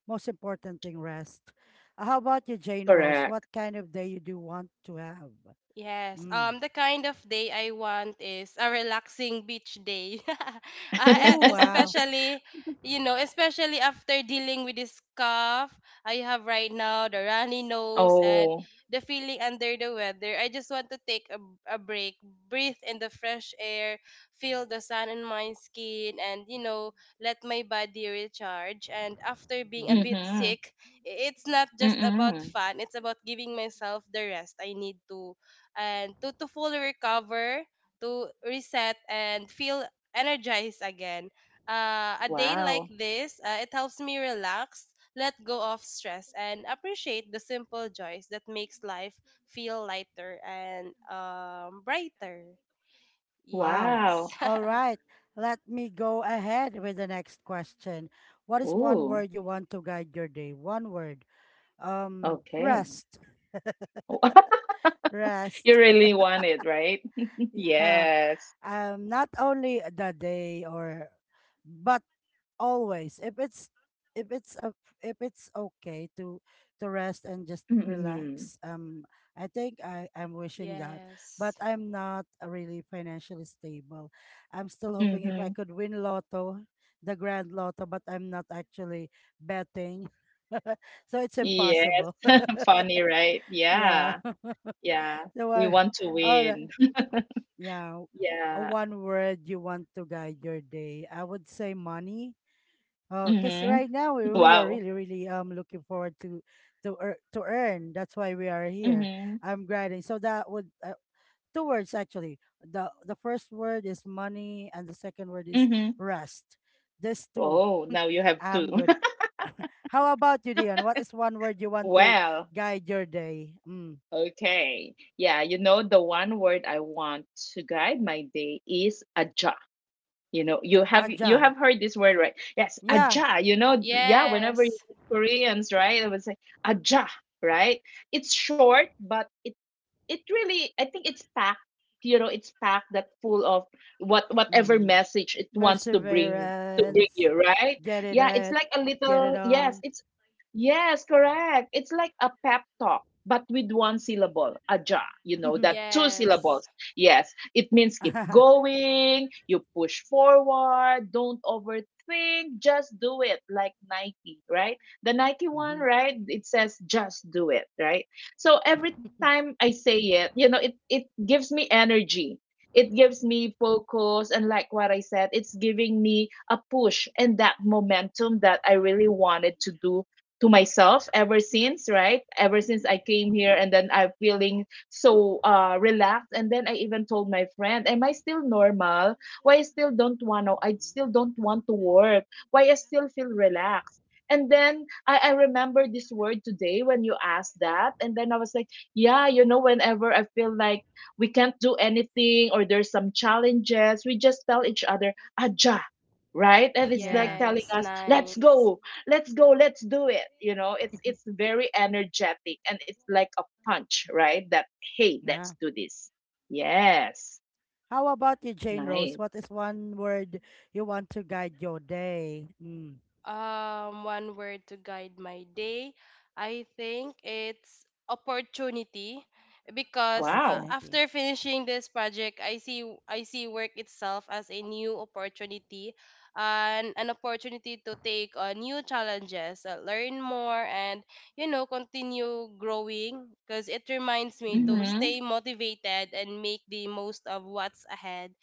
A: most important thing, rest. How about you, Jane
B: correct.
A: Rose? What kind of day you do want to have?
C: Yes.
A: Mm.
C: The kind of day I want is a relaxing beach day. Uh,
A: Oh, wow.
C: especially, you know, especially after dealing with this cough I have right now, the runny nose, and
B: Oh,
C: the feeling under the weather. I just want to take a break, breathe in the fresh air, feel the sun on my skin, and, you know, let my body recharge. And after being a
A: Mhm.
C: bit
B: mm-hmm.
C: sick, it's not just about
B: Mm-mm.
C: fun, it's about giving myself the rest I need to, and to, to fully recover, to reset and feel energized again. A day like
B: Wow.
C: this, it helps me relax, let go of stress, and appreciate the simple joys that makes life feel lighter and brighter.
A: Wow.
C: Yes.
B: Wow.
A: All right. Let me go ahead with the next question. What is one
B: Ooh,
A: word you want to guide your day? One word.
B: okay.
A: Rest.
B: You
A: Rest.
B: really want it, right?
A: yeah.
B: Yes.
A: Not only the day, or, but always if if it's a, if it's okay to rest and just
B: Mm-hmm.
A: relax. I think I'm wishing that, but
C: Yes.
A: I'm not really financially stable. I'm still hoping if I
B: Mm-hmm.
A: could win lotto, the grand lotto, but I'm not actually betting. So it's
B: Yes.
A: impossible.
B: Funny, right?
A: yeah.
B: Yeah. Yeah.
A: the
B: We
A: one
B: want to
A: All right.
B: win.
A: Yeah, a
B: Yeah.
A: one word you want to guide your day, I would say money, because
B: Mm-hmm.
A: right now we are
B: Wow.
A: really really looking forward to to earn. That's why we are here.
B: Mm-hmm.
A: I'm grinding. So that would, two words actually. The first word is money, and the second word is
B: Mm-hmm.
A: rest. This two.
B: Oh, now you have two.
A: I'm good. How about you, Dion? What is one word you want to
B: Well,
A: guide your day? Mm.
B: okay. Yeah, the one word I want to guide my day is aja. You know, you have you
A: Aja.
B: have heard this word, right? Yes,
A: Yeah.
B: aja. Yeah, whenever you
C: Yes.
B: meet Koreans, right, I would say aja, right? It's short, but it really, I think, it's packed, it's packed that full of whatever
A: Mm-hmm.
B: message it wants to bring
A: Perseverance.
B: you, right?
A: Get it
B: Yeah, it's
A: at.
B: like a
A: Get it
B: little, yes,
A: on.
B: it's. Yes, correct. It's like a pep talk, but with one syllable, aja. You know,
A: mm-hmm.
B: that two
C: Yes.
B: syllables. Yes, it means keep
A: Mm-hmm.
B: going, you push forward, don't overthink, just do it, like Nike, right? The Nike one, right? It says just do it, right? So every time I say it, it gives me energy. It gives me focus, and like what I said, it's giving me a push and that momentum that I really wanted to do to myself, ever since, right, ever since I
A: Mm-hmm.
B: came here, and then I'm feeling so relaxed, and then I even told my friend, am I still normal? Why I still don't want to I still don't want to work? Why I still feel relaxed? And then I remember this word today when you asked that, and then I was like, yeah, whenever I feel like we can't do anything, or there's some challenges, we just tell each other, aja, right? And it's like
A: Yeah.
B: telling
C: Yes.
B: us, let's
C: Nice.
B: go, let's go, let's do it. You know, it's very energetic, and it's like a punch, right? That, hey, let's
A: Yeah.
B: do this. Yes.
A: How about you, Jane
B: Nice.
A: Rose? What is one word you want to guide your day? Mm.
C: One word to guide my day, I think it's opportunity, because
B: Wow.
A: Opportunity.
C: after finishing this project, I see work itself as a new opportunity, and an opportunity to take on new challenges, learn more, and, you know, continue growing, because it reminds me to
A: Mm-hmm.
B: Mm-hmm.
C: stay motivated and make the most of what's ahead,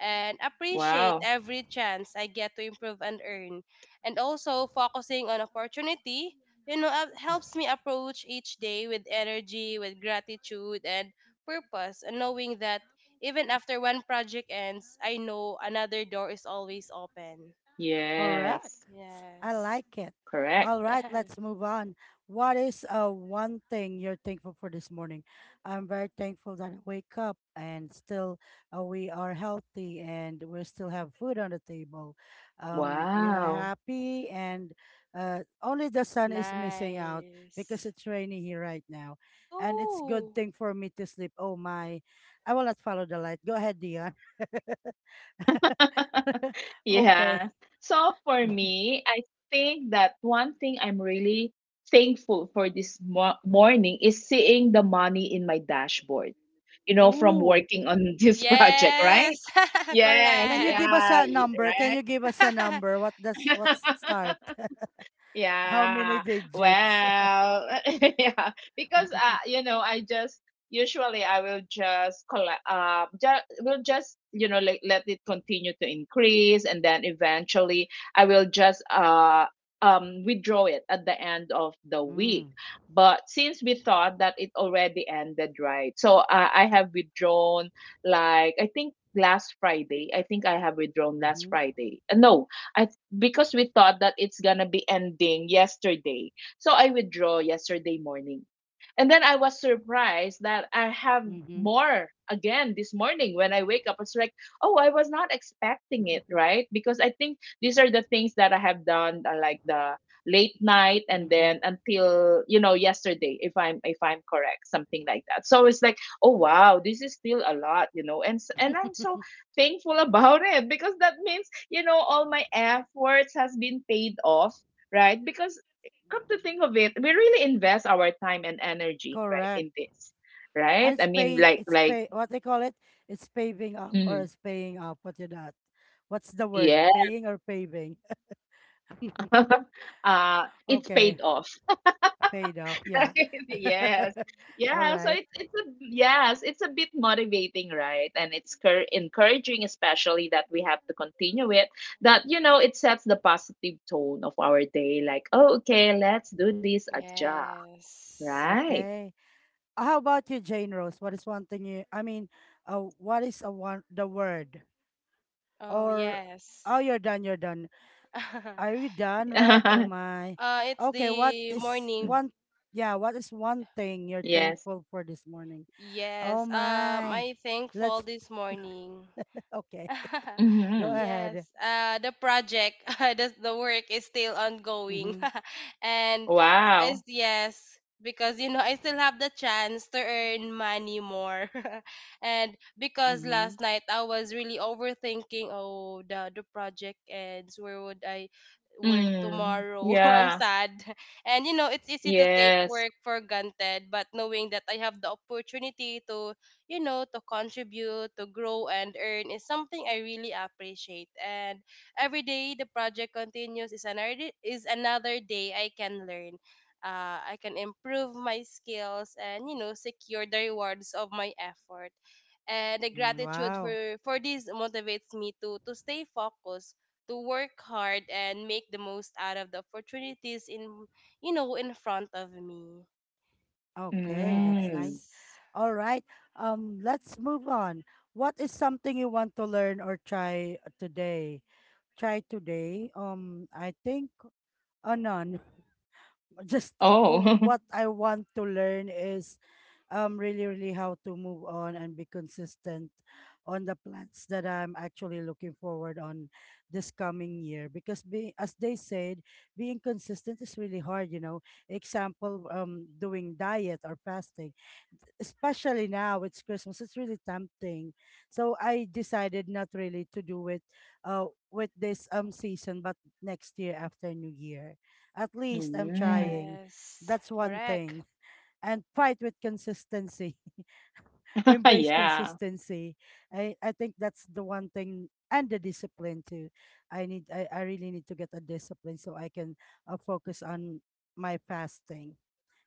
C: and appreciate
B: Wow.
C: every chance I get to improve and earn. And also, focusing on opportunity, you know, helps me approach each day with energy, with gratitude, and purpose, and knowing that even after one project ends, I know another door is always open.
A: Correct.
B: Yes.
A: I
C: Yes.
A: like it.
B: Correct.
A: All right, let's move on. What is one thing you're thankful for this morning? I'm very thankful that I wake up and still, we are healthy and we still have food on the table. We are
B: Wow.
A: happy, and only the sun is missing out,
C: Nice.
A: because it's rainy here right now. And it's good
C: Oh,
A: thing for me to sleep. Oh my, I will not follow the light. Go ahead, Dion. okay.
B: Yeah, so for me, I think that one thing I'm really thankful for this morning is seeing the money in my dashboard, from
A: Ooh.
B: working on this project, right?
C: yes.
B: Yes,
A: Can you give
C: Correct.
A: us
B: yeah,
A: a number? Can you give us a number? What does,
B: right.
A: what's start? How many
B: Yeah.
A: digits?
B: Well, yeah, because I just usually, I will just collect, just will just you know like, let it continue to increase, and then eventually I will just withdraw it at the end of the week.
A: mm.
B: But since we thought that it already ended, right? So I have withdrawn, like, I think last Friday. I think I have withdrawn last
A: Mm-hmm.
B: Friday. No, I because we thought that it's gonna be ending yesterday. So I withdraw yesterday morning. And then I was surprised that I have
A: Mm-hmm.
B: more again this morning when I wake up. It's like, oh, I was not expecting it, right? Because I think these are the things that I have done, like, the late night, and
A: Mm-hmm.
B: then until, yesterday, if I'm correct, something like that. So it's like, oh wow, this is still a lot. And I'm so thankful about it, because that means all my efforts has been paid off, right? Because, come to think of it, we really invest our time and energy, right,
A: Correct.
B: in this,
A: And
B: right?
A: it's
B: I mean,
A: pay,
B: like
A: it's
B: like
A: pay, what they call it? It's paving up, or
B: mm,
A: it's paying up. What you that? What's the word?
B: yeah.
A: Paying or paving?
B: It's
A: Okay.
B: paid off.
A: Paid off, yeah.
B: Yes.
A: All
B: Yeah, so
A: right.
B: it's a, yes, it's a bit motivating, right? And it's encouraging, especially that we have to continue it. It sets the positive tone of our day. Like, oh, okay,
A: Mm.
B: let's do this aja,
C: Yes.
B: right?
A: Okay. How about you, Jane Rose? What is one thing you, I mean, what is a one, the word?
C: Oh,
A: Or, oh,
C: yes.
A: you're done, you're done.
C: Uh,
A: Are you done, right? Oh my.
C: it's
A: Okay, what
C: the
A: is
C: morning.
A: one, yeah, what is one thing you're
B: Yes.
A: thankful for this morning? Oh
C: Yes,
A: my.
C: I thankful
A: Let's,
C: this morning.
A: okay, go
B: Mm-hmm.
A: ahead.
C: Yes, the project, the work is still ongoing.
A: Mm-hmm.
C: And
B: Wow.
C: as, yes, because you know, I still have the chance to earn money more. And because
A: Mm-hmm.
C: last night I was really overthinking, oh, the project ends, where would I work
B: Mm,
C: tomorrow? I'm
B: yeah.
C: sad. And you know, it's easy to take
B: Yes.
C: work for granted, but knowing that I have the opportunity to, you know, to contribute, to grow and earn is something I really appreciate. And every day the project continues is another, is another day I can learn. I can improve my skills, and you know, secure the rewards of my effort. And the
A: Mm,
C: gratitude
A: wow.
C: for this motivates me to stay focused, to work hard, and make the most out of the opportunities in, you know, in front of me.
A: Okay, that's
B: Mm.
A: nice.
C: Yes.
A: All right. Let's move on. What is something you want to learn or try today? Try today. I think, none. Just, oh,
B: Oh.
A: what I want to learn is really really how to move on and be consistent on the plans that I'm actually looking forward on this coming year, because being, as they said, being consistent is really hard, you know. Example, doing diet or fasting, especially now it's Christmas, it's really tempting. So I decided not really to do it uh with this season, but next year after New Year. At least I'm
B: Mm.
A: trying.
C: Yes,
A: That's one
C: correct.
A: thing. And fight with consistency. Embrace
B: Yeah.
A: consistency. I think that's the one thing, and the discipline too. I really need to get a discipline, so I can focus on my fasting.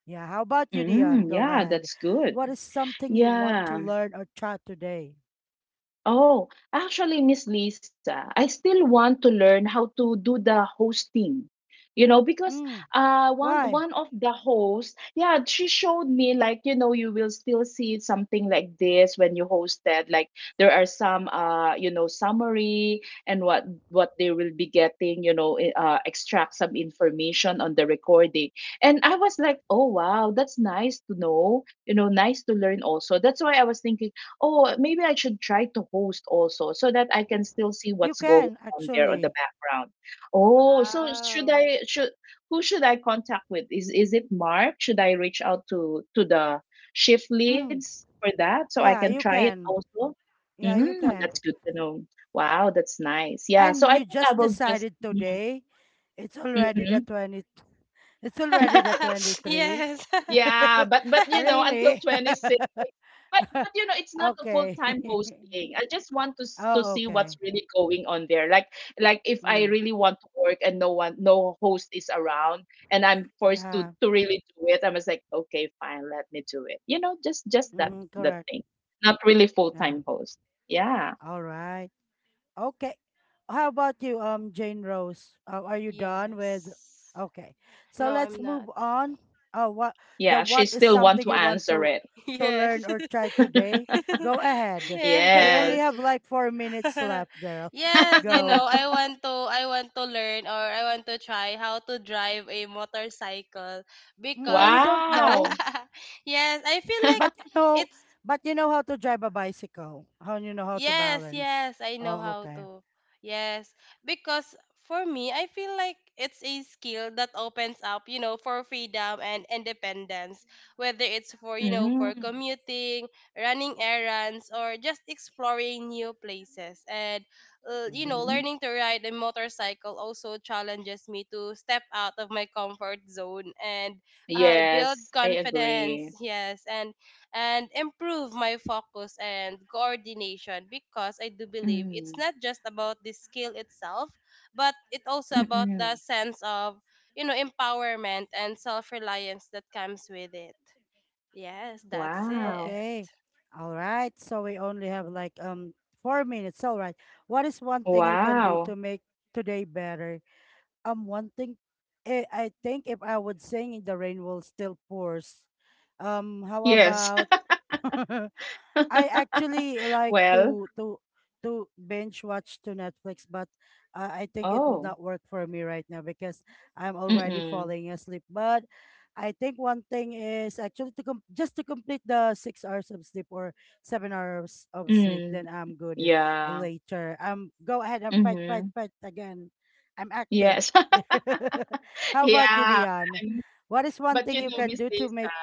A: Yeah, how about you, Dion?
B: Mm,
A: Go
B: yeah,
A: ahead.
B: that's good.
A: What is something you want to
B: Yeah.
A: learn or try today?
B: Oh, actually, Miss Lisa, I still want to learn how to do the hosting. You know, because
A: Mm,
B: uh one
A: why?
B: one of the hosts, yeah, she showed me, like, you will still see something like this when you hosted. Like, there are some summary, and what they will be getting, extract some information on the recording. And I was like, oh wow, that's nice to know, nice to learn also. That's why I was thinking, oh, maybe I should try to host also, so that I can still see
A: You
B: what's going
A: can
B: on there on the
A: actually.
B: background. Oh, so should
C: Wow.
B: I should who should I contact with? Is it Mark? Should I reach out to the shift
A: Mm,
B: leads for that, so I
A: yeah,
B: can
A: you
B: try it
A: can.
B: also?
A: Yeah, you
B: Mm,
A: can.
B: that's good to know. Wow, that's nice. Yeah,
A: And
B: so I
A: you
B: think I
A: just
B: will just.
A: decided today. It's already the
B: Mhm.
A: 20. It's already the 23.
C: Yes.
B: Yeah, but until
A: really?
B: 26. But but it's not a full
A: okay.
B: time hosting. I just want to
A: oh,
B: see
A: okay.
B: what's really going on there. like if I
A: Mm,
B: really want to work and no host is around, and I'm forced to
A: yeah.
B: to really do it, I'm just like, okay, fine, let me do it. You know, just just that
A: Mm-hmm,
B: that
A: correct.
B: thing. Not really full
A: Yeah.
B: time host. Yeah.
A: All right. Okay. How about you, Jane Rose? Are you done with?
C: Yes.
A: Okay. So
C: No,
A: let's
C: I'm not.
A: move on. Oh,
B: Yeah. She
A: what is
B: still want
A: something
B: to
A: you want
B: answer
A: to
B: it.
C: Yes.
A: learn or try today? Go ahead. We only
C: Yes.
B: Yes.
A: have like 4 minutes left, girl.
C: Yes, you know,
A: Go.
C: I want to learn, or I want to try how to drive a motorcycle,
A: Mm, you
C: because
A: don't know,
B: Wow.
C: yes, I feel like
A: but you know,
C: it's.
A: but you know how to drive a bicycle. How you know how to
C: Yes,
A: balance?
C: yes, I know
A: Oh,
C: how
A: okay.
C: to. Yes, because for me, I feel like it's a skill that opens up, you know, for freedom and independence, whether it's for, you know, for
B: Mm,
C: commuting, running errands, or just exploring new places. And, you know,
B: mm.
C: learning to ride a motorcycle also challenges me to step out of my comfort zone and, build
B: Yes, I
C: confidence.
B: agree.
C: Yes, and improve my focus and coordination, because I do believe it's
B: Mm,
C: not just about the skill itself, but it also
B: mm,
C: about the
B: mm.
C: sense of, you know, empowerment and self reliance that comes with it. Yes, that's
A: Mm,
C: it.
B: Wow.
A: okay. All right. So we only have like 4 minutes. All right. What is one thing you can do to
B: Wow.
A: make today better? One thing, eh, I think if I would sing, the rain will still pours. How
B: Yes.
A: about, I actually like
B: Well,
A: to binge watch to Netflix, but I think it would
B: oh.
A: not work for me right now, because I'm already
B: Mm-mm.
A: falling asleep. But I think one thing is actually to just to complete the 6 hours of sleep or 7 hours of sleep,
B: Mm.
A: then I'm good
B: Yeah.
A: later. Go ahead and fight, fight,
B: Mm-hmm.
A: fight again. I'm active.
B: Yes.
A: How about you,
B: Yeah.
A: Dion?
B: Um,
A: What is one
B: but,
A: thing
B: you
A: you
B: know,
A: can
B: Miss
A: do to
B: Lisa.
A: make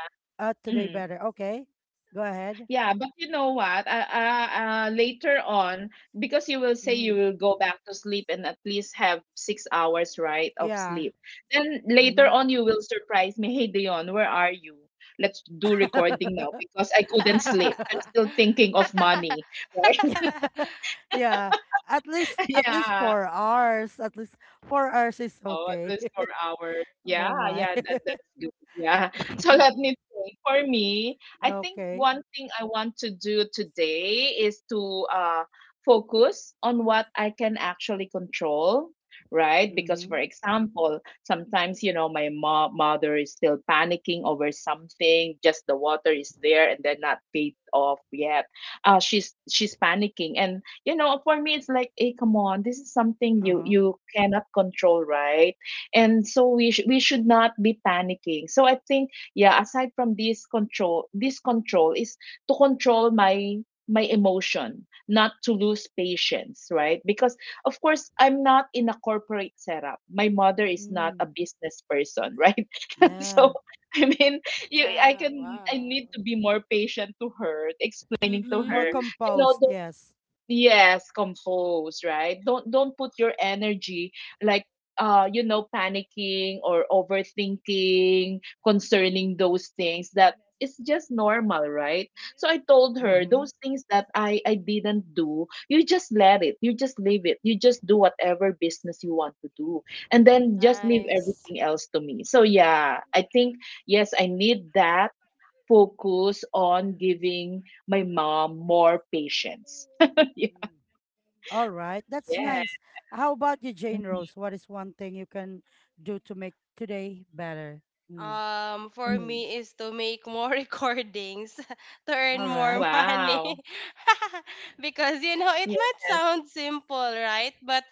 A: today
B: Mm.
A: better? Okay, go ahead.
B: Yeah, but you know what? Later on, because you will say
A: Mm-hmm.
B: you will go back to sleep and at least have 6 hours, right, of
A: Yeah.
B: sleep. Then later
A: Mm-hmm.
B: on, you will surprise me. Hey, Dion, where are you? Let's do recording now because I couldn't sleep. I'm still thinking of mommy.
A: yeah. At least, at least
B: Yeah.
A: 4 hours. At least 4 hours is
B: Oh, at
A: okay.
B: least 4 hours.
A: oh
B: Yeah,
A: my.
B: yeah, that that's good. Yeah. So let me think. For me, I think
A: Okay.
B: one thing I want to do today is to focus on what I can actually control, right? Because, for
A: Mm-hmm.
B: example, sometimes, my mother is still panicking over something, just the water is there and they're not paid off yet. She's panicking, and, for me, it's like, hey, come on, this is something you
A: Uh-huh.
B: you cannot control, right? And so we should not be panicking. So I think, yeah, aside from this control, this control is to control my emotion, not to lose patience, right? Because, of course, I'm not in a corporate setup. My mother is not a
A: Mm,
B: business person, right? So
A: yeah.
B: I mean, you I
C: Yeah,
B: can I
C: wow.
B: need to be more patient to her explaining to her
A: More
C: Mm-hmm.
B: you
A: composed,
B: know
A: yes.
B: Yes, compose, right? Don't put your energy, like, panicking or overthinking, concerning those things, that it's just normal, right? So I told
A: Mm-hmm.
B: her
A: Mm.
B: those things that I didn't do, you just let it. You just leave it. You just do whatever business you want to do, and then just leave
C: Nice.
B: everything else to me. So yeah, I think, yes, I need that focus on giving my mom more patience.
A: All right. That's
B: Yeah.
A: nice. How about you, Jane
B: Mhm,
A: Rose? What is one thing you can do to make today better? Mm.
C: For
B: mm.
C: me is to make more recordings to earn
A: All
C: more
A: right.
C: money.
B: Wow.
C: Because you know, it might
B: Yes.
C: sound simple, right? But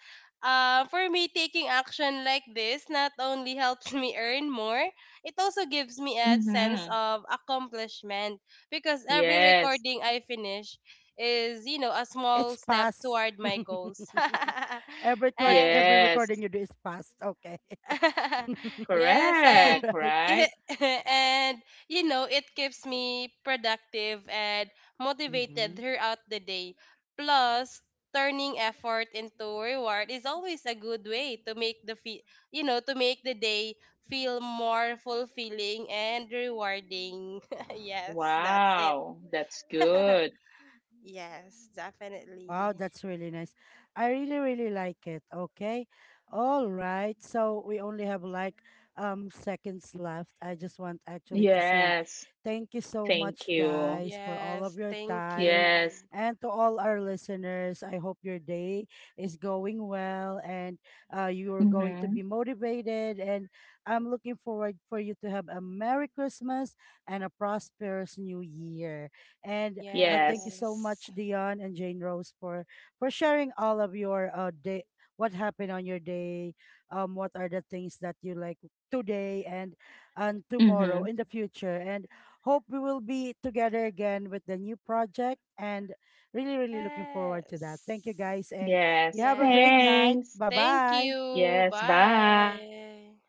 C: for me, taking action like this not only helps me earn more, it also gives me a sense
B: Mhm.
C: of accomplishment. Because every
B: Yes.
C: recording I finish is, you know, a small
A: It's
C: step
A: past.
C: toward my goals.
A: Every record,
C: Eh,
A: every
B: Yes.
A: recording you do is past. Okay.
C: yes,
A: All
C: and
B: Correct,
A: right.
C: it,
B: right?
C: and you know, it keeps me productive and motivated
A: Mm-hmm.
C: throughout the day. Plus, turning effort into reward is always a good way to make you know, to make the day feel more fulfilling and rewarding. Yes, that's it.
B: Wow. That's good.
C: Yes, definitely.
A: Wow, that's really nice. I really, really like it. Okay. All right. So we only have like seconds left. I just want actually to say
B: Yes.
A: thank you so
B: Thank
A: much
B: you.
A: guys for all of
C: Yes,
A: your
C: thank
A: time,
B: Yes.
C: you.
A: and to all our listeners. I hope your day is going well, and you are going to be
B: Mhm.
A: motivated, and I'm looking forward for you to have a Merry Christmas and a prosperous new year. And thank you
B: Yes.
A: so
C: Yes.
A: much, Dion and Jane Rose, for sharing all of your day, what happened on your day, what are the things that you like today, and tomorrow
B: Mhm.
A: in the future, and hope we will be together again with the new project, and really really looking forward to that. Thank you
C: Yes.
A: guys, and
B: Yes.
A: you have a great
C: Yes.
A: night.
B: Thanks.
A: Bye
C: Thank
A: bye.
C: you.
B: Yes. Bye.
C: Bye.